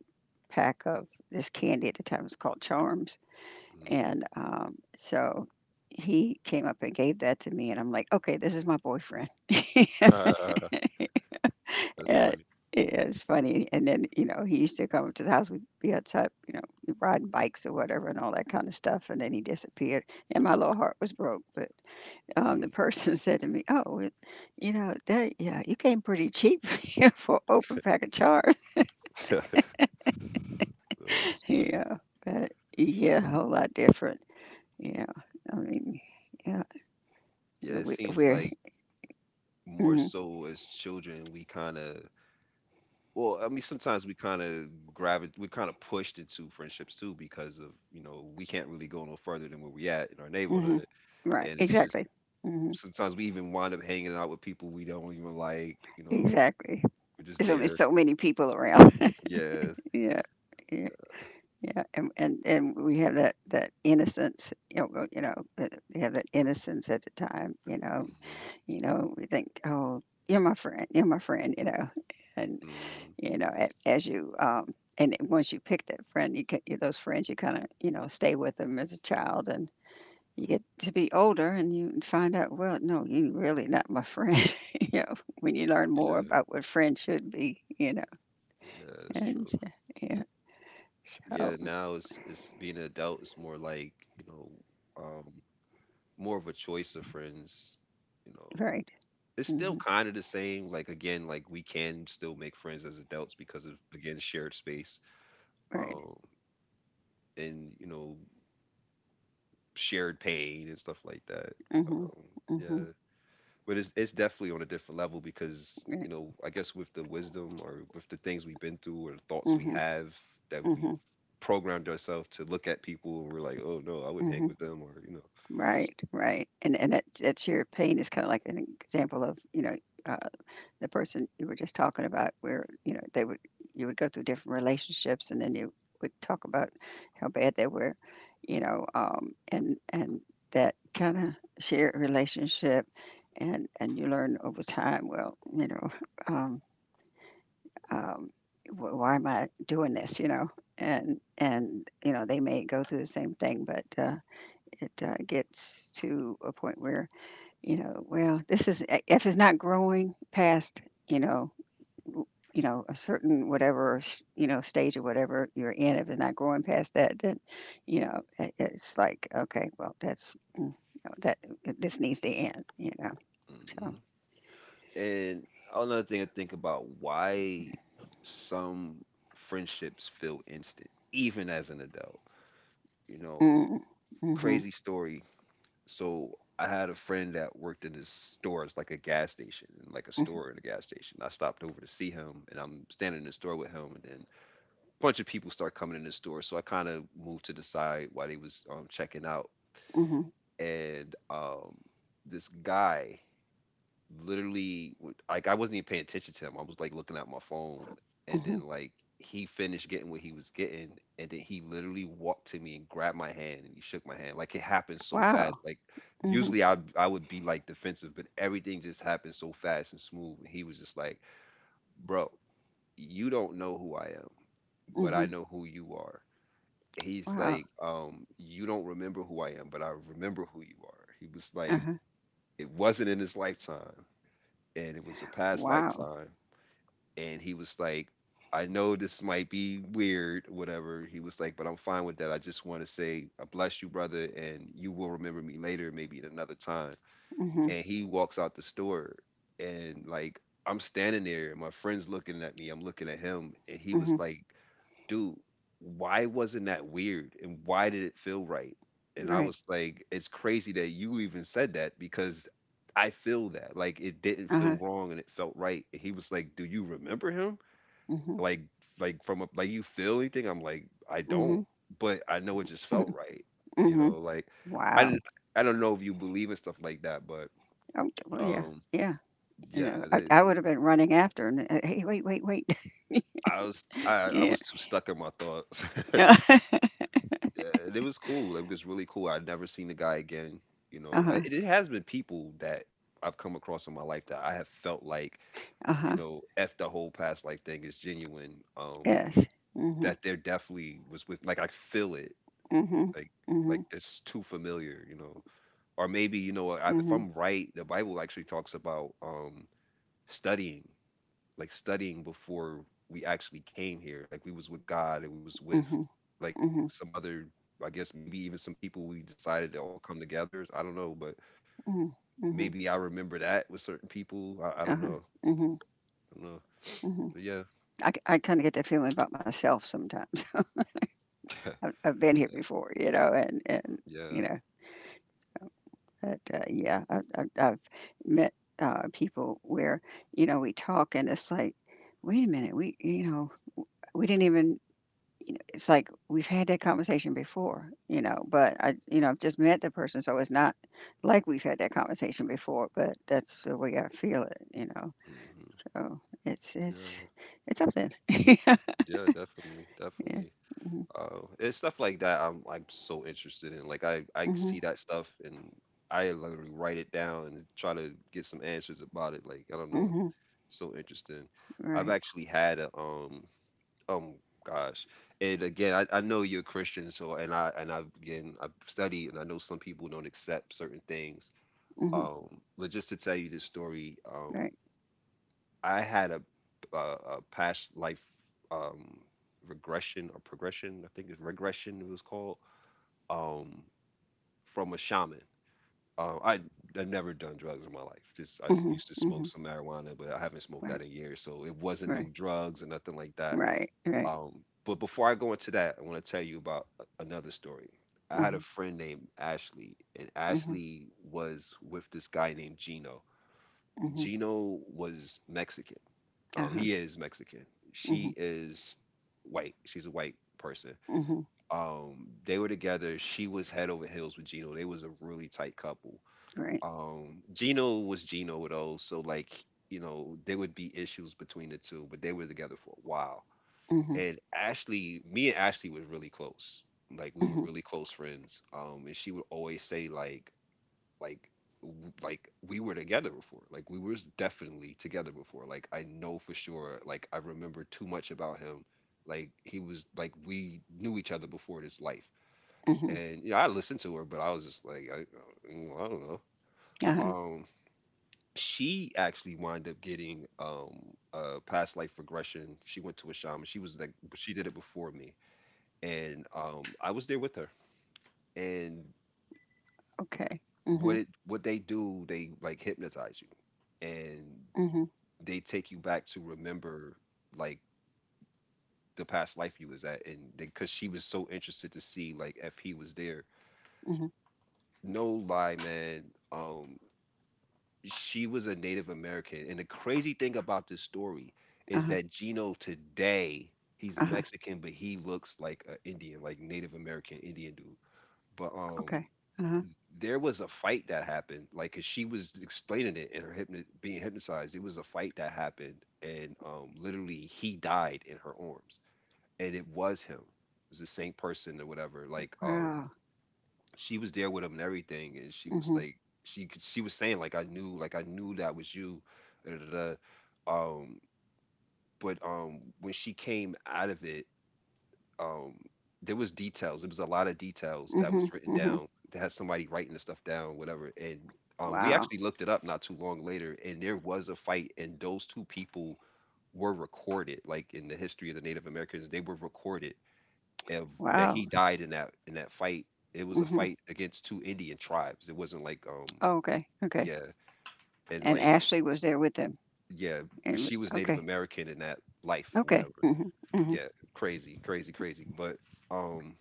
[SPEAKER 2] pack of this candy at the time. It was called Charms.
[SPEAKER 1] Mhm.
[SPEAKER 2] And um, so he came up and gave that to me, and I'm like, okay, this is my boyfriend.
[SPEAKER 1] That's
[SPEAKER 2] And
[SPEAKER 1] funny.
[SPEAKER 2] it's funny. And then, you know, he used to come up to the house. We'd be outside, you know, riding bikes or whatever and all that kind of stuff. And then he disappeared. And my little heart was broke. But um,
[SPEAKER 1] Hmm.
[SPEAKER 2] the person said to me, "Oh, it, you know, that, yeah, you came pretty cheap here for an open pack of charms."
[SPEAKER 1] That's funny.
[SPEAKER 2] Yeah. But yeah, a whole lot different. Yeah. I mean, yeah.
[SPEAKER 1] Yeah,
[SPEAKER 2] you know,
[SPEAKER 1] it
[SPEAKER 2] we,
[SPEAKER 1] seems
[SPEAKER 2] we're,
[SPEAKER 1] like more
[SPEAKER 2] hmm
[SPEAKER 1] so as children we kind of— well, I mean, sometimes we kind of gravitate we kind of pushed into friendships too, because of, you know we can't really go no further than where we at in our
[SPEAKER 2] hmm
[SPEAKER 1] neighborhood.
[SPEAKER 2] Right.
[SPEAKER 1] And it's just,
[SPEAKER 2] Exactly. Hmm.
[SPEAKER 1] sometimes we even wind up hanging out with people we don't even like, you know
[SPEAKER 2] Exactly.
[SPEAKER 1] we're just
[SPEAKER 2] There's only
[SPEAKER 1] there.
[SPEAKER 2] so many people around.
[SPEAKER 1] Yeah.
[SPEAKER 2] Yeah, yeah. Yeah, and and and we have that that innocence, you know, well, you know, uh, we have that innocence at the time. You know,
[SPEAKER 1] Hmm.
[SPEAKER 2] you know, we think, oh, you're my friend, you're my friend, you know, and
[SPEAKER 1] Hmm.
[SPEAKER 2] you know, a- as you um, and then once you pick that friend, you ca- those friends, you kind of, you know, stay with them as a child, and you get to be older, and you find out, well, no, you're really not my friend, you know, when you learn more
[SPEAKER 1] Yeah,
[SPEAKER 2] about what friends should be, you know,
[SPEAKER 1] yeah, it's
[SPEAKER 2] and
[SPEAKER 1] true.
[SPEAKER 2] so, yeah, so
[SPEAKER 1] Yeah, now it's it's being an adult, it's more like, you know um more of a choice of friends, you know
[SPEAKER 2] right.
[SPEAKER 1] It's still
[SPEAKER 2] Hmm.
[SPEAKER 1] kind of the same. Like again, like, we can still make friends as adults because of, again, shared space,
[SPEAKER 2] Right.
[SPEAKER 1] um, and, you know shared pain and stuff like that.
[SPEAKER 2] Mhm,
[SPEAKER 1] Um,
[SPEAKER 2] mhm,
[SPEAKER 1] yeah, but it's it's definitely on a different level because,
[SPEAKER 2] right,
[SPEAKER 1] you know I guess with the wisdom, or with the things we've been through, or the thoughts we
[SPEAKER 2] mhm,
[SPEAKER 1] have, that we
[SPEAKER 2] mhm,
[SPEAKER 1] programmed ourselves to look at people and we're like, oh no, I wouldn't hang
[SPEAKER 2] mhm,
[SPEAKER 1] with them, or you know.
[SPEAKER 2] right, right, and and that that shared pain is kind of like an example of, you know uh, the person you were just talking about, where you know they would, you would go through different relationships, and then you would talk about how bad they were. You know, um, and and that kind of shared relationship, and and you learn over time, well, you know. Um, um, wh- why am I doing this? You know, and and you know they may go through the same thing, but uh, it uh, gets to a point where, you know, well, this is, if it's not growing past, you know w- you know, a certain whatever s- you know, stage or whatever you're in, if it's not growing past that, then you know it, it's like, okay, well that's. Mm, no, That this needs to end, you know.
[SPEAKER 1] Mm,
[SPEAKER 2] So,
[SPEAKER 1] mm. And another thing to think about, why some friendships feel instant, even as an adult. You know,
[SPEAKER 2] mm, mm-hmm,
[SPEAKER 1] crazy story. So I had a friend that worked in this store. It's like a gas station, like a
[SPEAKER 2] mm-hmm,
[SPEAKER 1] store in a gas station. I stopped over to see him, and I'm standing in the store with him, and then a bunch of people start coming in the store. So I kind of moved to the side while they was um, checking out,
[SPEAKER 2] mm-hmm.
[SPEAKER 1] and um, this guy literally w- like, I wasn't even paying attention to him. I was like looking at my phone, and then
[SPEAKER 2] Mm-hmm.
[SPEAKER 1] like he finished getting what he was getting, and then he literally walked to me and grabbed my hand and he shook my hand. Like, it happened so fast.
[SPEAKER 2] Wow.
[SPEAKER 1] Like,
[SPEAKER 2] Mm-hmm,
[SPEAKER 1] usually I I would be like defensive, but everything just happened so fast and smooth. He was just like, "Bro, you don't know who I am, but
[SPEAKER 2] mm-hmm.
[SPEAKER 1] I know who you are." He's
[SPEAKER 2] Wow.
[SPEAKER 1] like, um, "You don't remember who I am, but I remember who you are." He was like,
[SPEAKER 2] Uh-huh.
[SPEAKER 1] "It wasn't in his lifetime." And it was a past
[SPEAKER 2] Wow.
[SPEAKER 1] lifetime. And he was like, I know this might be weird, whatever. He was like, but I'm fine with that. I just want to say, I bless you, brother, and you will remember me later, maybe at another time.
[SPEAKER 2] Mhm.
[SPEAKER 1] And he walks out the store, and like, I'm standing there, and my friend's looking at me, I'm looking at him, and he was
[SPEAKER 2] Mhm.
[SPEAKER 1] like, dude, why wasn't that weird? And why did it feel right? And I
[SPEAKER 2] Right.
[SPEAKER 1] was like, it's crazy that you even said that because I feel that. Like, it didn't
[SPEAKER 2] Uh-huh.
[SPEAKER 1] feel wrong and it felt right. And he was like, do you remember him?
[SPEAKER 2] Mhm.
[SPEAKER 1] Like like from a, like, you feel anything? I'm like, I don't.
[SPEAKER 2] Mhm.
[SPEAKER 1] But I know it just felt
[SPEAKER 2] Mhm.
[SPEAKER 1] right. You know,
[SPEAKER 2] Mhm.
[SPEAKER 1] like, I
[SPEAKER 2] Wow.
[SPEAKER 1] didn't- I don't know if you believe in stuff like that, but
[SPEAKER 2] Oh, d- well, yeah.
[SPEAKER 1] um
[SPEAKER 2] Yeah. You
[SPEAKER 1] yeah,
[SPEAKER 2] know, I,
[SPEAKER 1] the-
[SPEAKER 2] I would have been running after and uh, hey, wait, wait, wait.
[SPEAKER 1] I was I, I
[SPEAKER 2] Yeah.
[SPEAKER 1] was too stuck in my thoughts.
[SPEAKER 2] Yeah.
[SPEAKER 1] Uh, and it was cool. It was really cool. I'd never seen the guy again. You know, I-
[SPEAKER 2] Uh-huh.
[SPEAKER 1] it, it has been people that I've come across in my life that I have felt like, you
[SPEAKER 2] Uh-huh.
[SPEAKER 1] know, f the whole past life thing is genuine. Um,
[SPEAKER 2] Yes. Mhm.
[SPEAKER 1] that there definitely was, with like, I feel it.
[SPEAKER 2] Mhm.
[SPEAKER 1] Like like,
[SPEAKER 2] Mhm.
[SPEAKER 1] it's too familiar. You know, or maybe, you know I, if
[SPEAKER 2] Mhm.
[SPEAKER 1] I'm right, the Bible actually talks about, um studying, like studying before we actually came here. Like, we was with God and we was with,
[SPEAKER 2] Mhm.
[SPEAKER 1] like,
[SPEAKER 2] Mhm.
[SPEAKER 1] some other— I guess maybe even some people we decided to all come together. I don't know, but
[SPEAKER 2] Mhm. Mhm.
[SPEAKER 1] maybe I remember that with certain people. I, I don't know.
[SPEAKER 2] Uh-huh. Mhm.
[SPEAKER 1] I don't know. But
[SPEAKER 2] Mhm.
[SPEAKER 1] yeah,
[SPEAKER 2] I, I kind of get that feeling about myself sometimes. I've, I've been here
[SPEAKER 1] yeah,
[SPEAKER 2] before, you know, and and
[SPEAKER 1] yeah.
[SPEAKER 2] you know. But, uh, yeah, I've I've I've met, uh, people where, you know, we talk and it's like, "Wait a minute, we," you know, "we didn't even," you know, it's like, "We've had that conversation before," you know, but I, you know, I've just met the person, so it's not like we've had that conversation before, but that's the way I feel it, you know?
[SPEAKER 1] Hmm.
[SPEAKER 2] So it's it's
[SPEAKER 1] Yeah.
[SPEAKER 2] it's something.
[SPEAKER 1] Yeah, definitely.
[SPEAKER 2] Yeah.
[SPEAKER 1] Definitely.
[SPEAKER 2] Mhm.
[SPEAKER 1] Uh, it's stuff like that I'm like so interested in. Like, I I see
[SPEAKER 2] Mhm.
[SPEAKER 1] that stuff and I literally write it down and try to get some answers about it. Like, I don't know.
[SPEAKER 2] Mhm.
[SPEAKER 1] So interesting. I've
[SPEAKER 2] Right.
[SPEAKER 1] actually had a, um um gosh. And again, I, I know you're a Christian, so and I and I've again I've studied, and I know some people don't accept certain things.
[SPEAKER 2] Mhm.
[SPEAKER 1] Um, but just to tell you this story, um,
[SPEAKER 2] Right.
[SPEAKER 1] I had a a, a past life um regression, or progression— I think it's regression it was called, um, from a shaman. Um, I I've never done drugs in my life. Just I
[SPEAKER 2] Mhm.
[SPEAKER 1] used to smoke
[SPEAKER 2] Mhm.
[SPEAKER 1] some marijuana, but I haven't smoked
[SPEAKER 2] Right.
[SPEAKER 1] that in years, so it wasn't no
[SPEAKER 2] Right.
[SPEAKER 1] drugs or nothing like that.
[SPEAKER 2] Right. Right.
[SPEAKER 1] Um, but before I go into that, I want to tell you about a- another story. I had a
[SPEAKER 2] Mhm.
[SPEAKER 1] friend named Ashley, and
[SPEAKER 2] Mhm.
[SPEAKER 1] Ashley was with this guy named Gino.
[SPEAKER 2] Mhm.
[SPEAKER 1] Gino was Mexican. Um,
[SPEAKER 2] Uh-huh.
[SPEAKER 1] he is Mexican.
[SPEAKER 2] Mhm.
[SPEAKER 1] She is white. She's a white person.
[SPEAKER 2] Mhm.
[SPEAKER 1] Um, they were together. She was head over heels with Gino. They was a really tight couple.
[SPEAKER 2] Right.
[SPEAKER 1] um, Gino was Gino though, so, like, you know there would be issues between the two, but they were together for a while.
[SPEAKER 2] Mhm.
[SPEAKER 1] And Ashley, me and Ashley was really close. Like, we were
[SPEAKER 2] Mhm.
[SPEAKER 1] really close friends. Um, and she would always say, like, like w- like we were together before. Like, we were definitely together before. Like, I know for sure. Like, I remember too much about him. Like, he was like, we knew each other before this life.
[SPEAKER 2] Mhm.
[SPEAKER 1] And you know, I listened to her, but I was just like, I, I don't know.
[SPEAKER 2] Uh-huh.
[SPEAKER 1] Um, she actually wound up getting um a past life regression. She went to a shaman. She was like, but she did it before me, and um I was there with her. And
[SPEAKER 2] Okay.
[SPEAKER 1] what
[SPEAKER 2] Mhm.
[SPEAKER 1] it what they do, they like hypnotize you, and
[SPEAKER 2] Mhm.
[SPEAKER 1] they take you back to remember, like, the past life you was at, and because she was so interested to see, like, if he was there.
[SPEAKER 2] Mhm.
[SPEAKER 1] No lie, man. Um, she was a Native American. And the crazy thing about this story is
[SPEAKER 2] Uh-huh.
[SPEAKER 1] that Gino today, he's
[SPEAKER 2] Uh-huh.
[SPEAKER 1] Mexican, but he looks like an Indian, like Native American Indian dude. But
[SPEAKER 2] Okay.
[SPEAKER 1] um
[SPEAKER 2] Uh-huh.
[SPEAKER 1] there was a fight that happened, like 'cause she was explaining it in her hypno- being hypnotized. It was a fight that happened, and um literally he died in her arms, and it was him. It was the same person or whatever. Like, um
[SPEAKER 2] Wow.
[SPEAKER 1] she was there with him and everything, and she was
[SPEAKER 2] Mhm.
[SPEAKER 1] like, she could- she was saying, like, I knew, like I knew that was you, da, da, da. Um, but um, when she came out of it, um, there was details. It was a lot of details that was
[SPEAKER 2] Mhm.
[SPEAKER 1] written
[SPEAKER 2] Mhm.
[SPEAKER 1] down. That had somebody writing the stuff down, whatever. And um, we
[SPEAKER 2] Wow.
[SPEAKER 1] actually looked it up not too long later, and there was a fight, and those two people were recorded. Like, in the history of the Native Americans, they were recorded of that
[SPEAKER 2] Wow.
[SPEAKER 1] he died in that in that fight. It was a
[SPEAKER 2] Mhm.
[SPEAKER 1] fight against two Indian tribes. It wasn't like, um
[SPEAKER 2] Oh, okay. Okay.
[SPEAKER 1] yeah, and
[SPEAKER 2] And
[SPEAKER 1] like,
[SPEAKER 2] Ashley was there with them.
[SPEAKER 1] yeah, but
[SPEAKER 2] And
[SPEAKER 1] she was Native
[SPEAKER 2] okay.
[SPEAKER 1] American in that life,
[SPEAKER 2] Okay.
[SPEAKER 1] whatever.
[SPEAKER 2] Mhm. Mhm.
[SPEAKER 1] Yeah, crazy, crazy, crazy. But um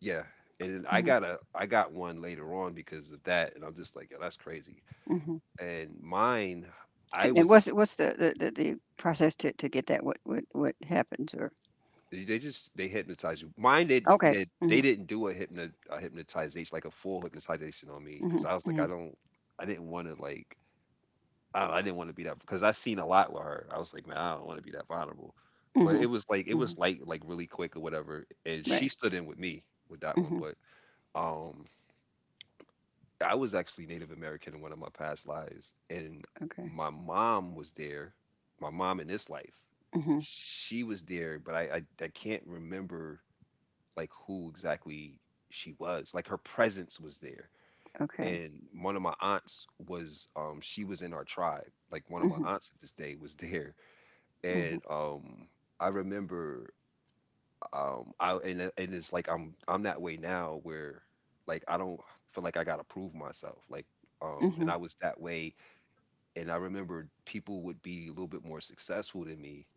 [SPEAKER 1] yeah, and then I
[SPEAKER 2] Mhm.
[SPEAKER 1] got a I got one later on because of that, and I'm just like, yeah, that's crazy.
[SPEAKER 2] Mhm.
[SPEAKER 1] And mine, I
[SPEAKER 2] And, and
[SPEAKER 1] was a
[SPEAKER 2] what's what's the, the, the, the process to, to get that? What what what happens? Or
[SPEAKER 1] they they just they hypnotize you. Mine, they
[SPEAKER 2] okay.
[SPEAKER 1] they, they
[SPEAKER 2] Mhm.
[SPEAKER 1] didn't do a hypno a hypnotization, like a full hypnotization on me, because
[SPEAKER 2] Mhm.
[SPEAKER 1] I was like, I
[SPEAKER 2] Mhm.
[SPEAKER 1] don't I didn't want to, like, I I didn't wanna be that because I seen a lot with her. I was like, "Man, I don't wanna be that vulnerable." But it
[SPEAKER 2] Mhm.
[SPEAKER 1] was like it was
[SPEAKER 2] Mhm.
[SPEAKER 1] light, like really quick or whatever, and she
[SPEAKER 2] Right.
[SPEAKER 1] stood in with me with that one,
[SPEAKER 2] Mhm.
[SPEAKER 1] but, um, I was actually Native American in one of my past lives, and
[SPEAKER 2] Okay.
[SPEAKER 1] my mom was there. My mom in this life,
[SPEAKER 2] Mhm.
[SPEAKER 1] she was there, but I I I can't remember, like, who exactly she was, like, her presence was there,
[SPEAKER 2] Okay.
[SPEAKER 1] and one of my aunts was, um, she was in our tribe, like, one of my
[SPEAKER 2] Mhm,
[SPEAKER 1] aunts at this day was there,
[SPEAKER 2] mhm,
[SPEAKER 1] and um I remember um I and it- and it's like I'm I'm that way now where like I don't feel like I gotta prove myself, like, um and
[SPEAKER 2] mhm,
[SPEAKER 1] I was that way, and I remember people would be a little bit more successful than me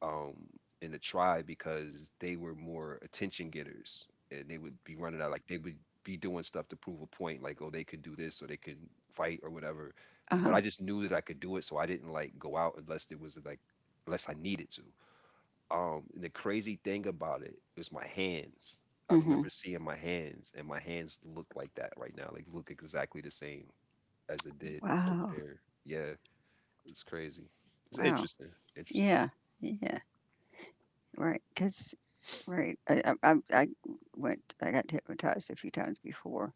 [SPEAKER 1] um in the tribe because they were more attention getters and they would be running out, like they would be doing stuff to prove a point, like oh they could do this or they can fight or whatever, but
[SPEAKER 2] uh-huh,
[SPEAKER 1] I just knew that I could do it, so I didn't like go out unless it was like unless I needed to. Um, and the crazy thing about it is my hands. I
[SPEAKER 2] mhm.
[SPEAKER 1] remember seeing my hands, and my hands look like that right now. Like look exactly the same as it did over
[SPEAKER 2] Wow,
[SPEAKER 1] there. Yeah, it's crazy. It's
[SPEAKER 2] wow.
[SPEAKER 1] interesting. Interesting.
[SPEAKER 2] Yeah, yeah, right. Because right, I I i I went, I got hypnotized a few times before,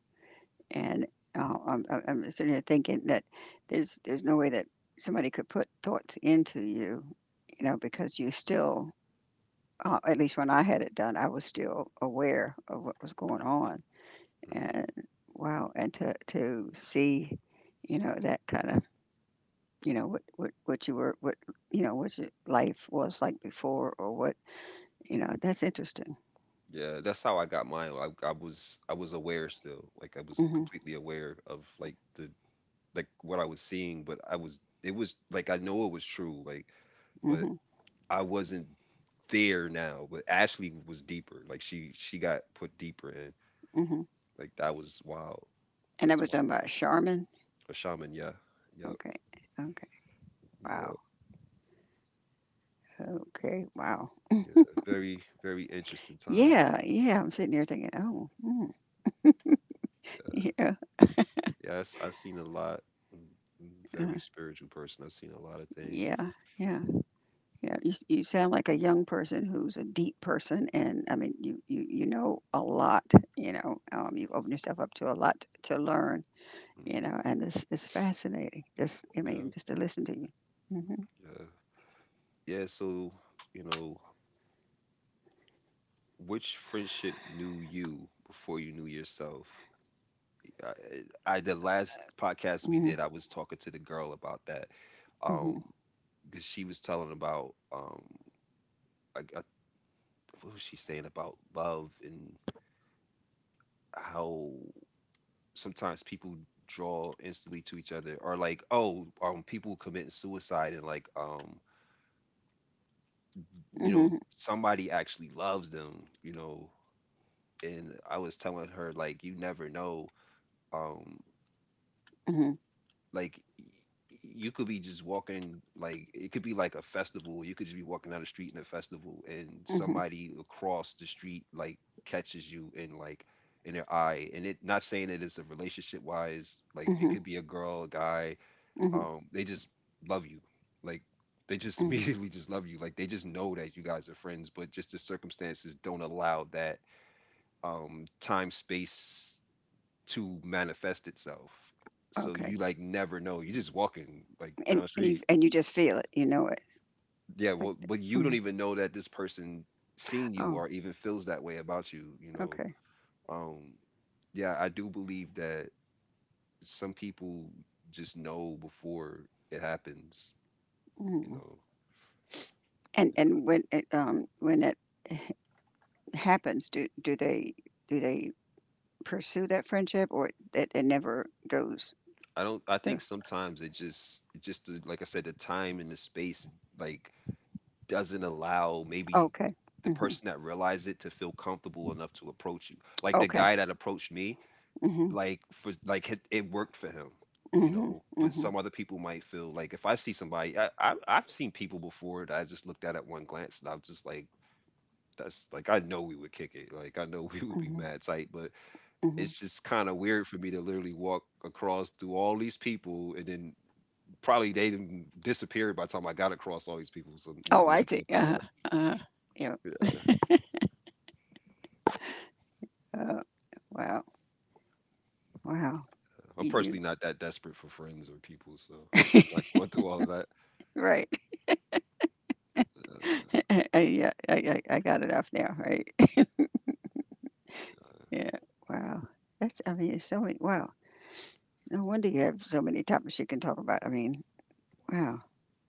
[SPEAKER 2] and, uh, I'm I'm I'm sitting here thinking that there's there's no way that somebody could put thoughts into you, you know, because you still, uh, at least when I had it done, I was still aware of what was going on,
[SPEAKER 1] hmm
[SPEAKER 2] and wow, and to to see, you know, that kinda, you know, what what what you were, what, you know, what your life was like before, or what, you know, that's interesting.
[SPEAKER 1] Yeah, that's how I got mine. I, I was I was aware still. Like I was
[SPEAKER 2] Hmm.
[SPEAKER 1] completely aware of like the like what I was seeing, but I was it was like I know it was true. Like, but
[SPEAKER 2] Hmm.
[SPEAKER 1] I wasn't there now. But Ashley was deeper. Like she she got put deeper in.
[SPEAKER 2] Hmm.
[SPEAKER 1] Like that was wild.
[SPEAKER 2] And
[SPEAKER 1] It
[SPEAKER 2] that
[SPEAKER 1] was
[SPEAKER 2] was done
[SPEAKER 1] wild.
[SPEAKER 2] by Charmin.
[SPEAKER 1] A shaman, yeah. Yep.
[SPEAKER 2] Okay. Okay. Wow.
[SPEAKER 1] Yep.
[SPEAKER 2] Okay. Wow.
[SPEAKER 1] Yeah. Very, very interesting time.
[SPEAKER 2] Yeah, yeah, I'm sitting here thinking, oh, mm.
[SPEAKER 1] Yeah,
[SPEAKER 2] Yeah.
[SPEAKER 1] yes, I've seen a lot. Mm, mm, Very
[SPEAKER 2] uh,
[SPEAKER 1] spiritual person. I've seen a lot of things.
[SPEAKER 2] yeah, yeah, yeah, you, s- you sound like a young person who's a deep person, and I mean you, you you know a lot, you know. Um, you've opened yourself up to a lot to learn, you
[SPEAKER 1] hmm
[SPEAKER 2] know, and it's it's fascinating. Just, I mean,
[SPEAKER 1] Yeah,
[SPEAKER 2] just to listen to you. Mhm,
[SPEAKER 1] yeah, yeah. So, you know, which friendship knew you before you knew yourself? I, I the last podcast we
[SPEAKER 2] mhm,
[SPEAKER 1] did, I was talking to the girl about that, um,
[SPEAKER 2] mhm,
[SPEAKER 1] because she was telling about um, I, I, what was she saying about love and how sometimes people draw instantly to each other, or like oh um people committing suicide and like um you know
[SPEAKER 2] mhm,
[SPEAKER 1] somebody actually loves them, you know. And I was telling her like you never know. um like y- y- you could be just walking, like it could be like a festival, you could just be walking down the street in a festival and
[SPEAKER 2] mhm,
[SPEAKER 1] somebody across the street like catches you, and like in their eye, and it not saying that it's a relationship wise, like it
[SPEAKER 2] mhm,
[SPEAKER 1] could be a girl, a guy,
[SPEAKER 2] mhm,
[SPEAKER 1] um they just love you, like they just
[SPEAKER 2] mhm.
[SPEAKER 1] immediately just love you, like they just know that you guys are friends, but just the circumstances don't allow that. Um time space to manifest itself. So
[SPEAKER 2] Okay,
[SPEAKER 1] you like never know, you just walking like down
[SPEAKER 2] and
[SPEAKER 1] the
[SPEAKER 2] and you,
[SPEAKER 1] street.
[SPEAKER 2] and you just feel it, you know it.
[SPEAKER 1] Yeah,
[SPEAKER 2] Like,
[SPEAKER 1] well but you don't
[SPEAKER 2] mhm.
[SPEAKER 1] even know that this person seen you
[SPEAKER 2] Oh,
[SPEAKER 1] or even feels that way about you, you know.
[SPEAKER 2] okay.
[SPEAKER 1] um yeah, I do believe that some people just know before it happens, you
[SPEAKER 2] Mhm.
[SPEAKER 1] know.
[SPEAKER 2] And and when it, um when that happens, do do they, do they pursue that friendship, or that it never goes?
[SPEAKER 1] I don't. I think
[SPEAKER 2] There?
[SPEAKER 1] sometimes it just, it just the- like I said, the time and the space like doesn't allow maybe
[SPEAKER 2] Okay.
[SPEAKER 1] the
[SPEAKER 2] Hmm.
[SPEAKER 1] person that realized it to feel comfortable enough to approach you. Like the
[SPEAKER 2] Okay.
[SPEAKER 1] guy that approached me,
[SPEAKER 2] Hmm.
[SPEAKER 1] like for like it, it worked for him, you
[SPEAKER 2] Hmm.
[SPEAKER 1] know. But
[SPEAKER 2] Hmm.
[SPEAKER 1] some other people might feel like if I see somebody, I, I I've seen people before that I just looked at at one glance and I was just like. That's like I know we would kick it. Like I know we would be
[SPEAKER 2] Hmm.
[SPEAKER 1] mad tight, but
[SPEAKER 2] Hmm.
[SPEAKER 1] it's just kind of weird for me to literally walk across through all these people and then probably they done disappeared by the time I got across all these people, so no,
[SPEAKER 2] Oh,
[SPEAKER 1] I'm
[SPEAKER 2] I
[SPEAKER 1] not
[SPEAKER 2] see.
[SPEAKER 1] going through
[SPEAKER 2] Uh
[SPEAKER 1] all
[SPEAKER 2] huh.
[SPEAKER 1] that.
[SPEAKER 2] Uh huh. Oh, wow, wow.
[SPEAKER 1] I'm
[SPEAKER 2] You
[SPEAKER 1] personally not that desperate for friends or people, so I'm
[SPEAKER 2] you-
[SPEAKER 1] not going through all of that.
[SPEAKER 2] right.
[SPEAKER 1] Uh,
[SPEAKER 2] I, I, yeah, I, I I got it off now, right? Yeah, wow. That's, I mean, it's so many, wow. No wonder you have so many topics you can talk about. I mean, wow.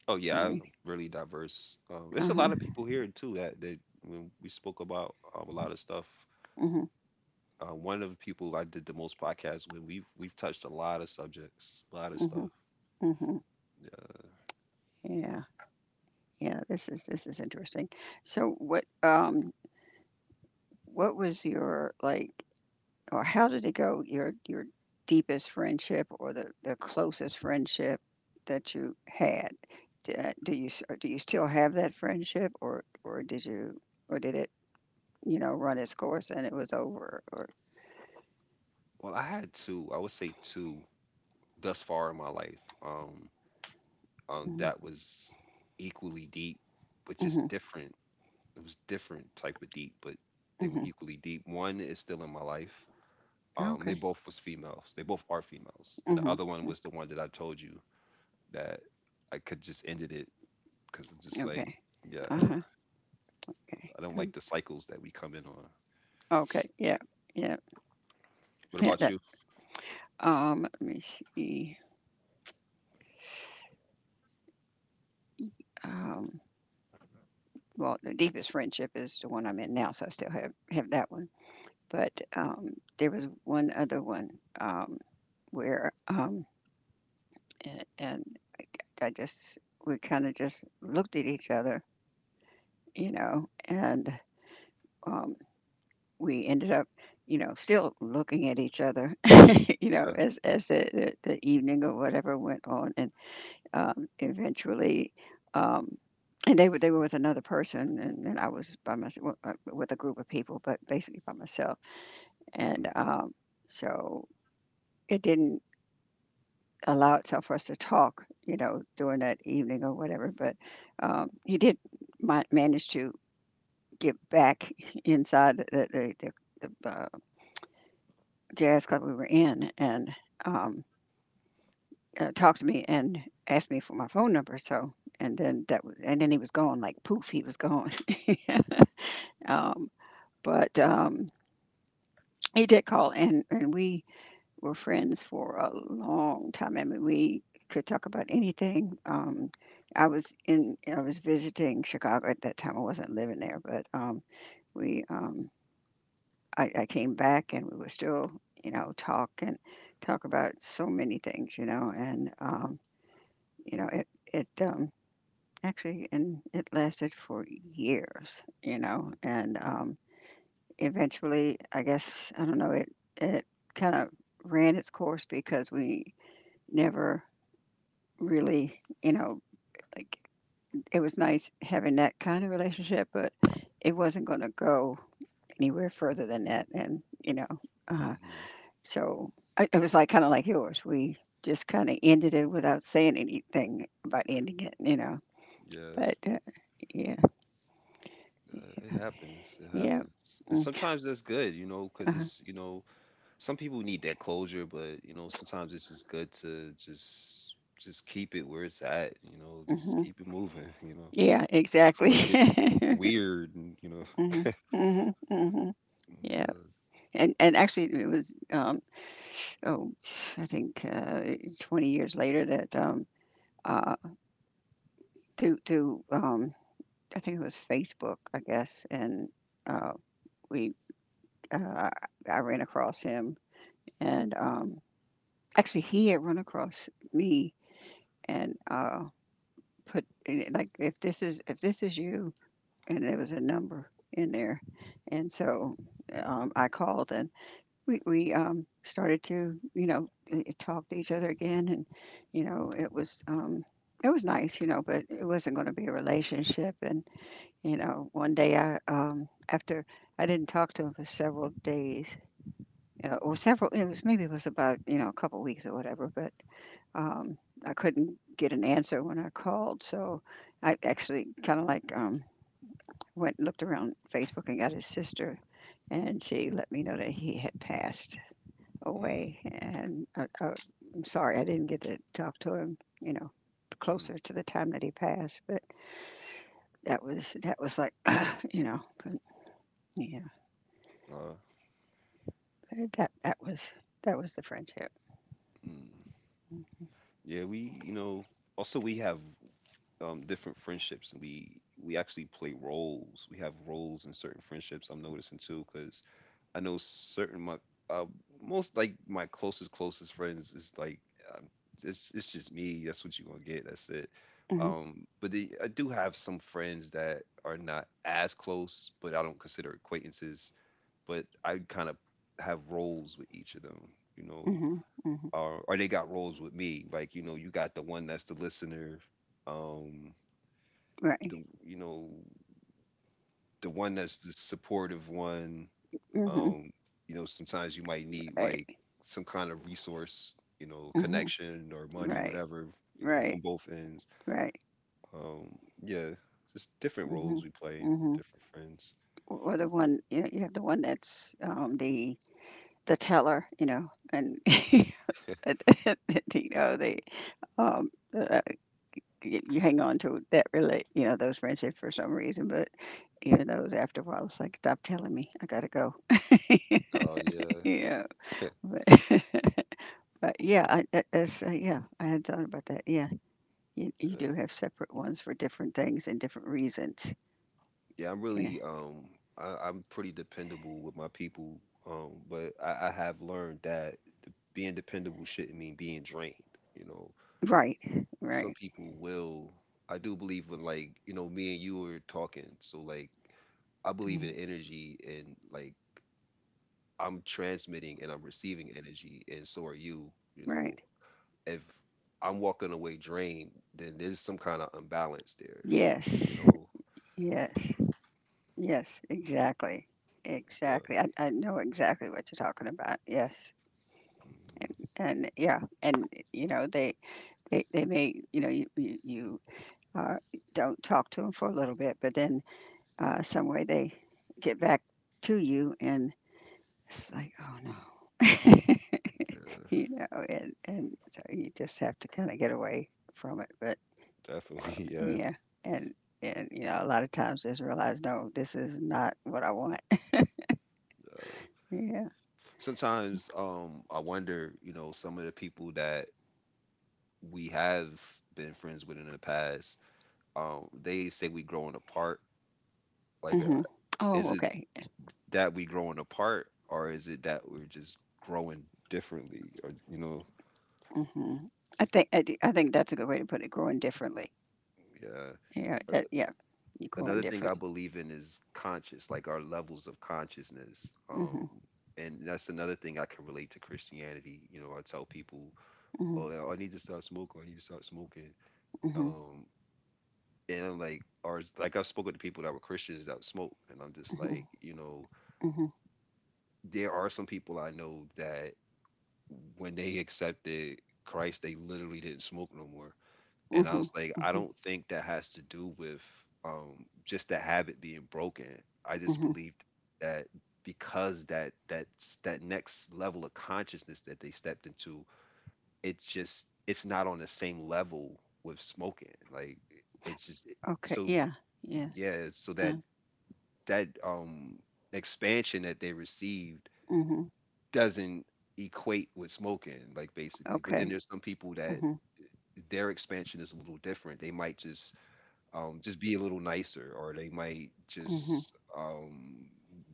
[SPEAKER 1] oh
[SPEAKER 2] I
[SPEAKER 1] yeah, I'm
[SPEAKER 2] mean,
[SPEAKER 1] really diverse. Um, there's a lot of
[SPEAKER 2] uh-huh.
[SPEAKER 1] people here too that that when we spoke about um, a lot of stuff.
[SPEAKER 2] Hmm,
[SPEAKER 1] Uh, one of the people I did the most podcasts with, we've we've touched a lot of subjects, a lot of stuff.
[SPEAKER 2] hmm, hmm. Yeah, yeah, this is, this is interesting. So what, um, what was your, like, or how did it go, your your deepest friendship, or the the closest friendship that you had? D uh, Do you s or do you still have that friendship, or or did you, or did it, you know, run its course and it was over? Or,
[SPEAKER 1] Well, I had two, I would say two thus far in my life. Um, um,
[SPEAKER 2] mhm,
[SPEAKER 1] that was equally deep, but
[SPEAKER 2] mhm,
[SPEAKER 1] just different. It was different type of deep, but they were
[SPEAKER 2] mhm.
[SPEAKER 1] equally deep. One is still in my life. Um, they
[SPEAKER 2] Okay.
[SPEAKER 1] both was females. They both are females, and the
[SPEAKER 2] Mhm.
[SPEAKER 1] other one was the one that I told you that I could just ended it because I'm just like,
[SPEAKER 2] Okay.
[SPEAKER 1] yeah,
[SPEAKER 2] Uh-huh. Okay.
[SPEAKER 1] I don't
[SPEAKER 2] Mm.
[SPEAKER 1] like the cycles that we come in on.
[SPEAKER 2] Okay. Yeah. Yeah.
[SPEAKER 1] What
[SPEAKER 2] Yeah,
[SPEAKER 1] about
[SPEAKER 2] that,
[SPEAKER 1] you?
[SPEAKER 2] um, let me see. Um, well, the deepest friendship is the one I'm in now, so I still have have that one. But um, there was one other one, um, where um, and, and I just, we kind of just looked at each other, you know, and um, we ended up, you know, still looking at each other, you know,
[SPEAKER 1] Yeah.
[SPEAKER 2] as as the, the, the evening or whatever went on, and um, eventually. Um, and they were they were with another person, and, and I was by myself with a group of people, but basically by myself. And
[SPEAKER 1] Mhm,
[SPEAKER 2] um, so it didn't allow itself for us to talk, you know, during that evening or whatever. But um, he did ma- manage to get back inside the the, the, the, the uh, jazz club we were in, and um, uh, talk to me and ask me for my phone number. So, and then that was, and then he was gone, like poof, he was gone. um, but um, He did call, and and we were friends for a long time. I mean, we could talk about anything. Um, I was in, I was visiting Chicago at that time. I wasn't living there, but um, we, um, I, I came back, and we were still, you know, talk and talk about so many things, you know, and um, you know, it, it um, actually, and it lasted for years, you
[SPEAKER 1] mhm,
[SPEAKER 2] know, and um, eventually, I guess, I don't know, it, it kind of ran its course, because we never really, you know, like it was nice having that kind of relationship, but it wasn't going to go anywhere further than that. And, you know, uh,
[SPEAKER 1] mhm.
[SPEAKER 2] so I, it was like kind of like yours. We just kind of ended it without saying anything about ending it, you know.
[SPEAKER 1] Yeah,
[SPEAKER 2] But uh, yeah,
[SPEAKER 1] uh, it happens. It
[SPEAKER 2] yeah.
[SPEAKER 1] happens, and
[SPEAKER 2] Mm,
[SPEAKER 1] sometimes that's good, you know, because
[SPEAKER 2] uh-huh,
[SPEAKER 1] it's you know some people need that closure, but you know, sometimes it's just good to just just keep it where it's at, you know, just
[SPEAKER 2] mhm.
[SPEAKER 1] keep it moving, you know,
[SPEAKER 2] Yeah, exactly.
[SPEAKER 1] before it gets weird and you know.
[SPEAKER 2] Hmm, hmm, hmm. Yeah,
[SPEAKER 1] Yeah.
[SPEAKER 2] and and actually, it was, um, oh, I think, uh, twenty years later that, um, uh, through through um, I think it was Facebook, I guess, and, uh, we uh, I ran across him, and um, actually he had run across me, and uh, put in it, like, if this is, if this is you, and there was a number in there, and so, um, I called, and we we um, started to, you know, uh, talk to each other again, and you know it was, um, it was nice, you know, but it wasn't going to be a relationship. And you know, one day I, um, after I didn't talk to him for several days, you know, or several, it was maybe it was about, you know, a couple weeks or whatever, but um, I couldn't get an answer when I called, so I actually kind of like, um, went and looked around Facebook and got his sister, and she let me know that he had passed
[SPEAKER 1] Mm,
[SPEAKER 2] away, and uh, uh, I'm sorry I didn't get to talk to him, you know,
[SPEAKER 1] mm,
[SPEAKER 2] closer to the time that he passed, but that was that was like, you know, but, yeah,
[SPEAKER 1] uh,
[SPEAKER 2] that that was that was the friendship.
[SPEAKER 1] mm. Yeah, we, you know, also we have um different friendships and we we actually play roles. We have roles in certain friendships I'm noticing too, because I know certain my uh, most like my closest closest friends is like, um, it's it's just me. That's what you're gonna get. That's it.
[SPEAKER 2] Hmm.
[SPEAKER 1] Um, but the, I do have some friends that are not as close, but I don't consider acquaintances. But I kind of have roles with each of them, you know,
[SPEAKER 2] Hmm. Hmm.
[SPEAKER 1] or or they got roles with me. Like you know, you got the one that's the listener, um,
[SPEAKER 2] Right.
[SPEAKER 1] the you know the one that's the supportive one,
[SPEAKER 2] Hmm.
[SPEAKER 1] um you know sometimes you might need like
[SPEAKER 2] Right.
[SPEAKER 1] some kind of resource, you know,
[SPEAKER 2] Hmm.
[SPEAKER 1] connection or money
[SPEAKER 2] Right,
[SPEAKER 1] whatever, you know,
[SPEAKER 2] right,
[SPEAKER 1] from both ends.
[SPEAKER 2] right.
[SPEAKER 1] um yeah, just different
[SPEAKER 2] Hmm.
[SPEAKER 1] roles we play with
[SPEAKER 2] Hmm.
[SPEAKER 1] different friends.
[SPEAKER 2] Or the one, you know, you have the one that's, um the the teller, you know, and you know they, um uh, y- you hang on to that relate, you know, those friendships for some reason. But even those after a while, it's like, stop telling me, I gotta go.
[SPEAKER 1] Oh yeah,
[SPEAKER 2] Yeah, but, but yeah, I, that, that's uh, yeah, I had thought about that. Yeah, you, you do
[SPEAKER 1] yeah,
[SPEAKER 2] have separate ones for different things and different reasons.
[SPEAKER 1] yeah i'm
[SPEAKER 2] Yeah,
[SPEAKER 1] really um I, I'm pretty dependable with my people, um but i, I have learned that d- being dependable shouldn't mean being drained, you know.
[SPEAKER 2] right,
[SPEAKER 1] But some
[SPEAKER 2] right,
[SPEAKER 1] people will. I do believe, when like you know me and you were talking, so like I believe
[SPEAKER 2] mhm,
[SPEAKER 1] in energy and like I'm transmitting and I'm receiving energy, and so are you. You
[SPEAKER 2] right.
[SPEAKER 1] know, if I'm walking away drained, then there's some kind of imbalance there. You
[SPEAKER 2] Yes,
[SPEAKER 1] know,
[SPEAKER 2] yes, yes, exactly,
[SPEAKER 1] yeah,
[SPEAKER 2] exactly. I, I know exactly what you're talking about. Yes,
[SPEAKER 1] mhm,
[SPEAKER 2] and yeah, and you know they they, they may, you know you you, you uh, don't talk to them for a little bit, but then uh, some way they get back to you, and it's like, oh no.
[SPEAKER 1] yeah,
[SPEAKER 2] you know and and so you just have to kind of get away from it, but
[SPEAKER 1] definitely, yeah.
[SPEAKER 2] yeah. And and you know a lot of times just realize, no, this is not what I want. Yeah.
[SPEAKER 1] Sometimes, um, I wonder, you know, some of the people that we have been friends with in the past, um, they say we growing apart. Like, uh,
[SPEAKER 2] Hmm. Oh,
[SPEAKER 1] is it
[SPEAKER 2] okay.
[SPEAKER 1] that we growing apart, or is it that we're just growing differently, or you know,
[SPEAKER 2] Hmm. i think I, d- I think that's a good way to put it, growing differently.
[SPEAKER 1] yeah.
[SPEAKER 2] Yeah,
[SPEAKER 1] Uh,
[SPEAKER 2] that, yeah. You're growing
[SPEAKER 1] Another thing
[SPEAKER 2] different.
[SPEAKER 1] I believe in is conscious, like our levels of consciousness. Um,
[SPEAKER 2] Mhm.
[SPEAKER 1] and that's another thing I can relate to Christianity. You know, I tell people,
[SPEAKER 2] Mhm.
[SPEAKER 1] "Oh, yeah, I need to stop smoking. I need to stop smoking."
[SPEAKER 2] Mhm.
[SPEAKER 1] Um, and I'm like, or it's- like I've spoken to people that were Christians that smoke, and I'm just
[SPEAKER 2] Mhm.
[SPEAKER 1] like, you know,
[SPEAKER 2] Mhm.
[SPEAKER 1] there are some people I know that when they accepted Christ, they literally didn't smoke no more. And I
[SPEAKER 2] Mhm.
[SPEAKER 1] was like, I
[SPEAKER 2] Mhm.
[SPEAKER 1] don't think that has to do with um, just the habit being broken. I just
[SPEAKER 2] Mhm.
[SPEAKER 1] believe that because that that that next level of consciousness that they stepped into, it just it's not on the same level with smoking. Like it's just
[SPEAKER 2] Okay.
[SPEAKER 1] so
[SPEAKER 2] Yeah. Yeah.
[SPEAKER 1] yeah, so that
[SPEAKER 2] Uh,
[SPEAKER 1] that um expansion that they received
[SPEAKER 2] mhm.
[SPEAKER 1] doesn't equate with smoking, like basically. But then
[SPEAKER 2] Okay.
[SPEAKER 1] there's some people that
[SPEAKER 2] Mhm.
[SPEAKER 1] their expansion is a little different. They might just um, just be a little nicer, or they might
[SPEAKER 2] Mhm.
[SPEAKER 1] just um,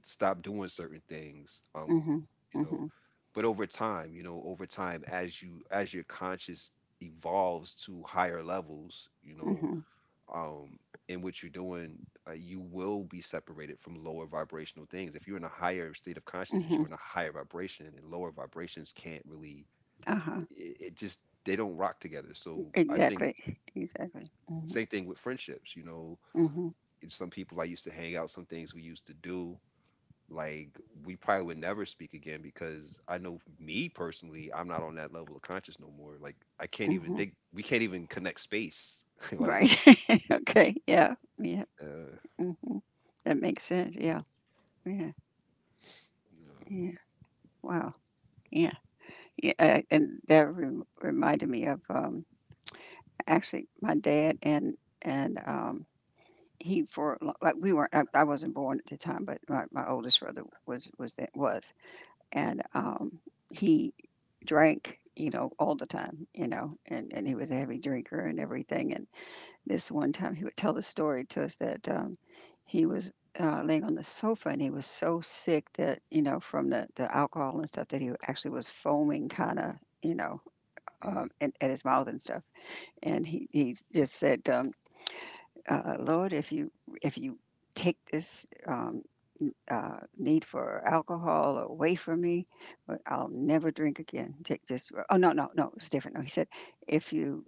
[SPEAKER 1] stop doing certain things. Um,
[SPEAKER 2] Mhm.
[SPEAKER 1] you know,
[SPEAKER 2] Mhm.
[SPEAKER 1] but over time, you know, over time, as you as your conscious evolves to higher levels, you know,
[SPEAKER 2] Mhm.
[SPEAKER 1] um, in what you're doing, uh, you will be separated from lower vibrational things. If you're in a higher state of consciousness,
[SPEAKER 2] Mhm.
[SPEAKER 1] you're in a higher vibration, and lower vibrations can't really.
[SPEAKER 2] Uh-huh.
[SPEAKER 1] It, it just they don't rock together. So I think
[SPEAKER 2] Exactly. Exactly. Mhm.
[SPEAKER 1] same thing with friendships. You know,
[SPEAKER 2] Mhm.
[SPEAKER 1] some people I used to hang out, some things we used to do, like we probably would never speak again because I know me personally, I'm not on that level of conscious no more. Like I can't even
[SPEAKER 2] Mhm.
[SPEAKER 1] think, we can't even connect space. Like,
[SPEAKER 2] Right. Okay. Yeah. Yeah.
[SPEAKER 1] uh,
[SPEAKER 2] Mhm. That makes sense. Yeah. Yeah.
[SPEAKER 1] yeah.
[SPEAKER 2] Yeah. Wow. Yeah. Yeah. Uh, and that re- reminded me of um actually my dad. and and um he for li- like we were I, I wasn't born at the time, but my, my oldest brother was was that was. And um, he drank, you know all the time, you know and and he was a heavy drinker and everything. And this one time, he would tell the story to us that um, he was uh, laying on the sofa, and he was so sick, that you know from the the alcohol and stuff, that he actually was foaming kind of, you know
[SPEAKER 1] hmm
[SPEAKER 2] um, and, at his mouth and stuff. And he he just said, um, uh, Lord, if you if you take this, um, uh, need for alcohol away from me, but I'll never drink again. Take this. Oh no, no, no, it's different. No, he said, if you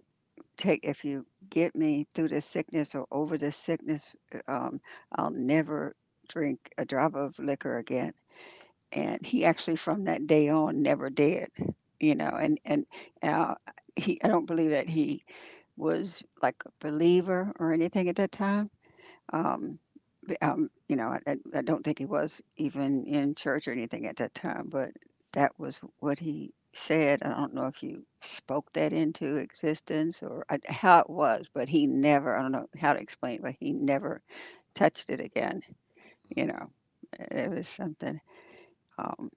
[SPEAKER 2] take, if you get me through this sickness, or over this sickness, uh, um, I'll never drink a drop of liquor again. And he actually, from that day on, never did. You know,
[SPEAKER 1] hmm
[SPEAKER 2] and and uh, he, I don't believe that he was like a believer or anything at that time. um, b- um, you know, I, I I don't think he was even in church or anything at that time, but that was what he said. I don't know if you spoke that into existence or I, how it was, but he never — I don't know how to explain it, but he never touched it again. You
[SPEAKER 1] hmm
[SPEAKER 2] know, it was something. Um,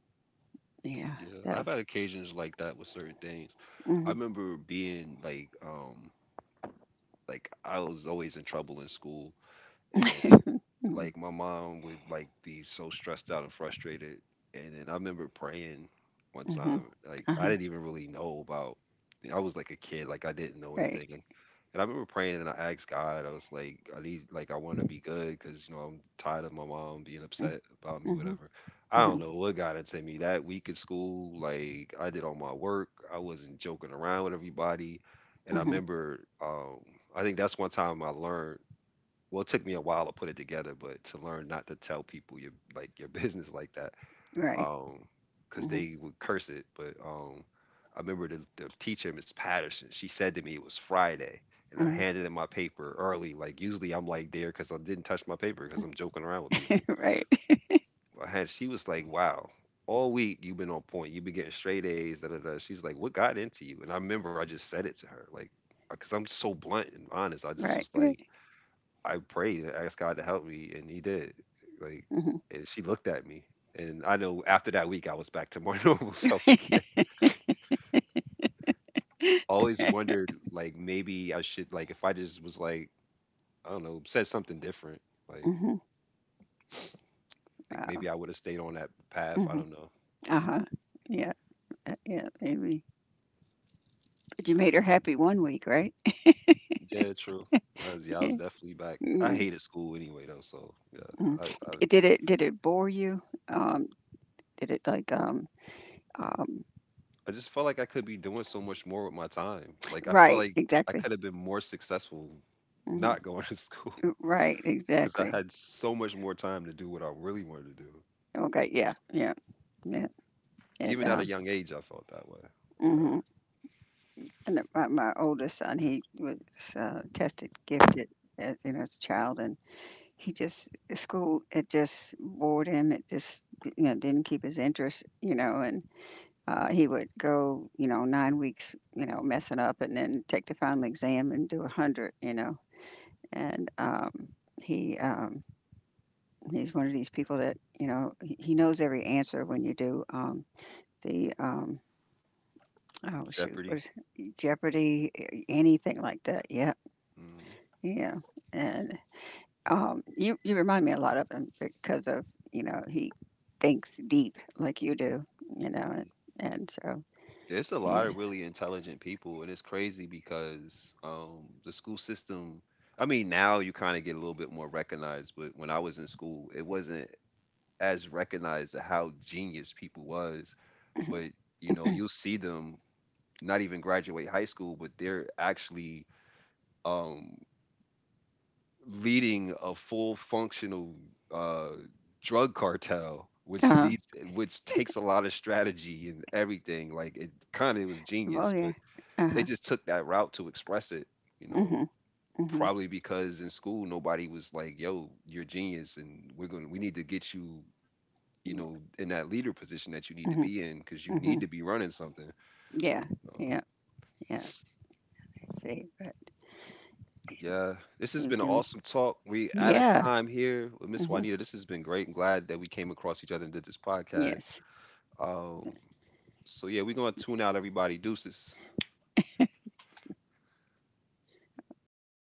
[SPEAKER 2] yeah,
[SPEAKER 1] Yeah.
[SPEAKER 2] that.
[SPEAKER 1] I've had occasions like that with certain things. I
[SPEAKER 2] Mm-hmm,
[SPEAKER 1] remember being like, um, like I was always in trouble in school, like my mom would like be so stressed out and frustrated, and then I remember praying one
[SPEAKER 2] mm-hmm,
[SPEAKER 1] time, like I
[SPEAKER 2] uh-huh,
[SPEAKER 1] didn't even really know about, I was like a kid, like I didn't know
[SPEAKER 2] right.
[SPEAKER 1] anything. And I remember praying and I asked God, I was like, I need, like, I want to be good because, you know, I'm tired of my mom being
[SPEAKER 2] Mm-hmm,
[SPEAKER 1] upset about me
[SPEAKER 2] mm-hmm,
[SPEAKER 1] whatever. I
[SPEAKER 2] mm-hmm,
[SPEAKER 1] don't know what got into me that week in school, like I did all my work, I wasn't joking around with everybody. And I
[SPEAKER 2] mm-hmm.
[SPEAKER 1] remember um I think that's one time I learned, well, it took me a while to put it together, but to learn not to tell people your like your business like that,
[SPEAKER 2] Right.
[SPEAKER 1] um, because
[SPEAKER 2] Mm-hmm,
[SPEAKER 1] they would curse it. But um, I remember the, the teacher, Miss Patterson, she said to me it was Friday, and I
[SPEAKER 2] mm-hmm,
[SPEAKER 1] handed in my paper early. Like usually I'm like there because I didn't touch my paper because I'm joking around with people.
[SPEAKER 2] right.
[SPEAKER 1] I had she was like, "Wow, all week you've been on point. You've been getting straight A's." Da da da. She's like, "What got into you?" And I remember I just said it to her, like, because I'm so blunt and honest. I just was
[SPEAKER 2] Right.
[SPEAKER 1] like. I prayed and asked God to help me, and He did. Like,
[SPEAKER 2] Mm-hmm,
[SPEAKER 1] and she looked at me, and I know after that week I was back to my normal self again. Always wondered, like, maybe I should, like, if I just was like, I don't know, said something different, like,
[SPEAKER 2] mm-hmm.
[SPEAKER 1] like
[SPEAKER 2] Wow.
[SPEAKER 1] maybe I would have stayed on that path. I
[SPEAKER 2] Mhm.
[SPEAKER 1] don't know.
[SPEAKER 2] Uh-huh. Yeah, uh, yeah, maybe. But you made her
[SPEAKER 1] Uh,
[SPEAKER 2] happy one week, right?
[SPEAKER 1] yeah, true. I was, yeah, I was
[SPEAKER 2] Yeah.
[SPEAKER 1] definitely back. I
[SPEAKER 2] Mm,
[SPEAKER 1] hated school anyway, though, so yeah,
[SPEAKER 2] mm.
[SPEAKER 1] I, I
[SPEAKER 2] D did it did it bore you? Um, did it like, um, um
[SPEAKER 1] I just felt like I could be doing so much more with my time. Like, I felt
[SPEAKER 2] right,
[SPEAKER 1] like I
[SPEAKER 2] exactly.
[SPEAKER 1] could have been more successful
[SPEAKER 2] Mhm.
[SPEAKER 1] not going to school,
[SPEAKER 2] Right,
[SPEAKER 1] because I
[SPEAKER 2] exactly.
[SPEAKER 1] had so much more time to do what I really wanted to do.
[SPEAKER 2] Okay, yeah, yeah, yeah. It,
[SPEAKER 1] Even at a
[SPEAKER 2] um,
[SPEAKER 1] young age, I felt that way. Uh,
[SPEAKER 2] mhm. And it- my my oldest son, he was, uh, tested gifted, as, you know, as a child, and he just — school, it just bored him. It just, you know, didn't keep his interest, you know, and Uh, he would go, you know, nine weeks, you know, messing up, and then take the final exam and do a hundred, you know. And um, he um, he's one of these people that, you know, he he knows every answer when you do um, the — um, oh shoot, what
[SPEAKER 1] Jeopardy.
[SPEAKER 2] is it? Jeopardy, a- anything like that. Yeah.
[SPEAKER 1] Mm-hmm.
[SPEAKER 2] Yeah. And um, you you remind me a lot of him because of, you know, he thinks deep like you do, you know, and,
[SPEAKER 1] Mm-hmm.
[SPEAKER 2] and so
[SPEAKER 1] There's a lot
[SPEAKER 2] yeah.
[SPEAKER 1] of really intelligent people, and it's crazy because um, the school system. I mean, now you kind of get a little bit more recognized, but when I was in school, it wasn't as recognized to how genius people was. But you know, you'll see them not even graduate high school, but they're actually um, leading a full functional uh, drug cartel, which
[SPEAKER 2] Uh-huh.
[SPEAKER 1] leads which takes a lot of strategy and everything. Like it kind of was
[SPEAKER 2] Oh
[SPEAKER 1] genius,
[SPEAKER 2] yeah.
[SPEAKER 1] but they
[SPEAKER 2] Uh-huh.
[SPEAKER 1] just took that route to express it. You know,
[SPEAKER 2] Hmm. Mhm.
[SPEAKER 1] probably because in school nobody was like, "Yo, you're a genius, and we're gonna we need to get you." You know, in that leader position that you need to
[SPEAKER 2] Mhm.
[SPEAKER 1] be in, because you need
[SPEAKER 2] Mhm.
[SPEAKER 1] to be running something.
[SPEAKER 2] Yeah.
[SPEAKER 1] Uh,
[SPEAKER 2] Yeah. Yeah. I see. But
[SPEAKER 1] Yeah, this has
[SPEAKER 2] you
[SPEAKER 1] been an
[SPEAKER 2] can.
[SPEAKER 1] awesome talk. We out of
[SPEAKER 2] Yeah.
[SPEAKER 1] time here with Miss
[SPEAKER 2] Mhm.
[SPEAKER 1] Juanita. This has been great. I'm glad that we came across each other and did this podcast.
[SPEAKER 2] Yes.
[SPEAKER 1] Um, so yeah, we're gonna tune out everybody. Deuces.
[SPEAKER 2] Right.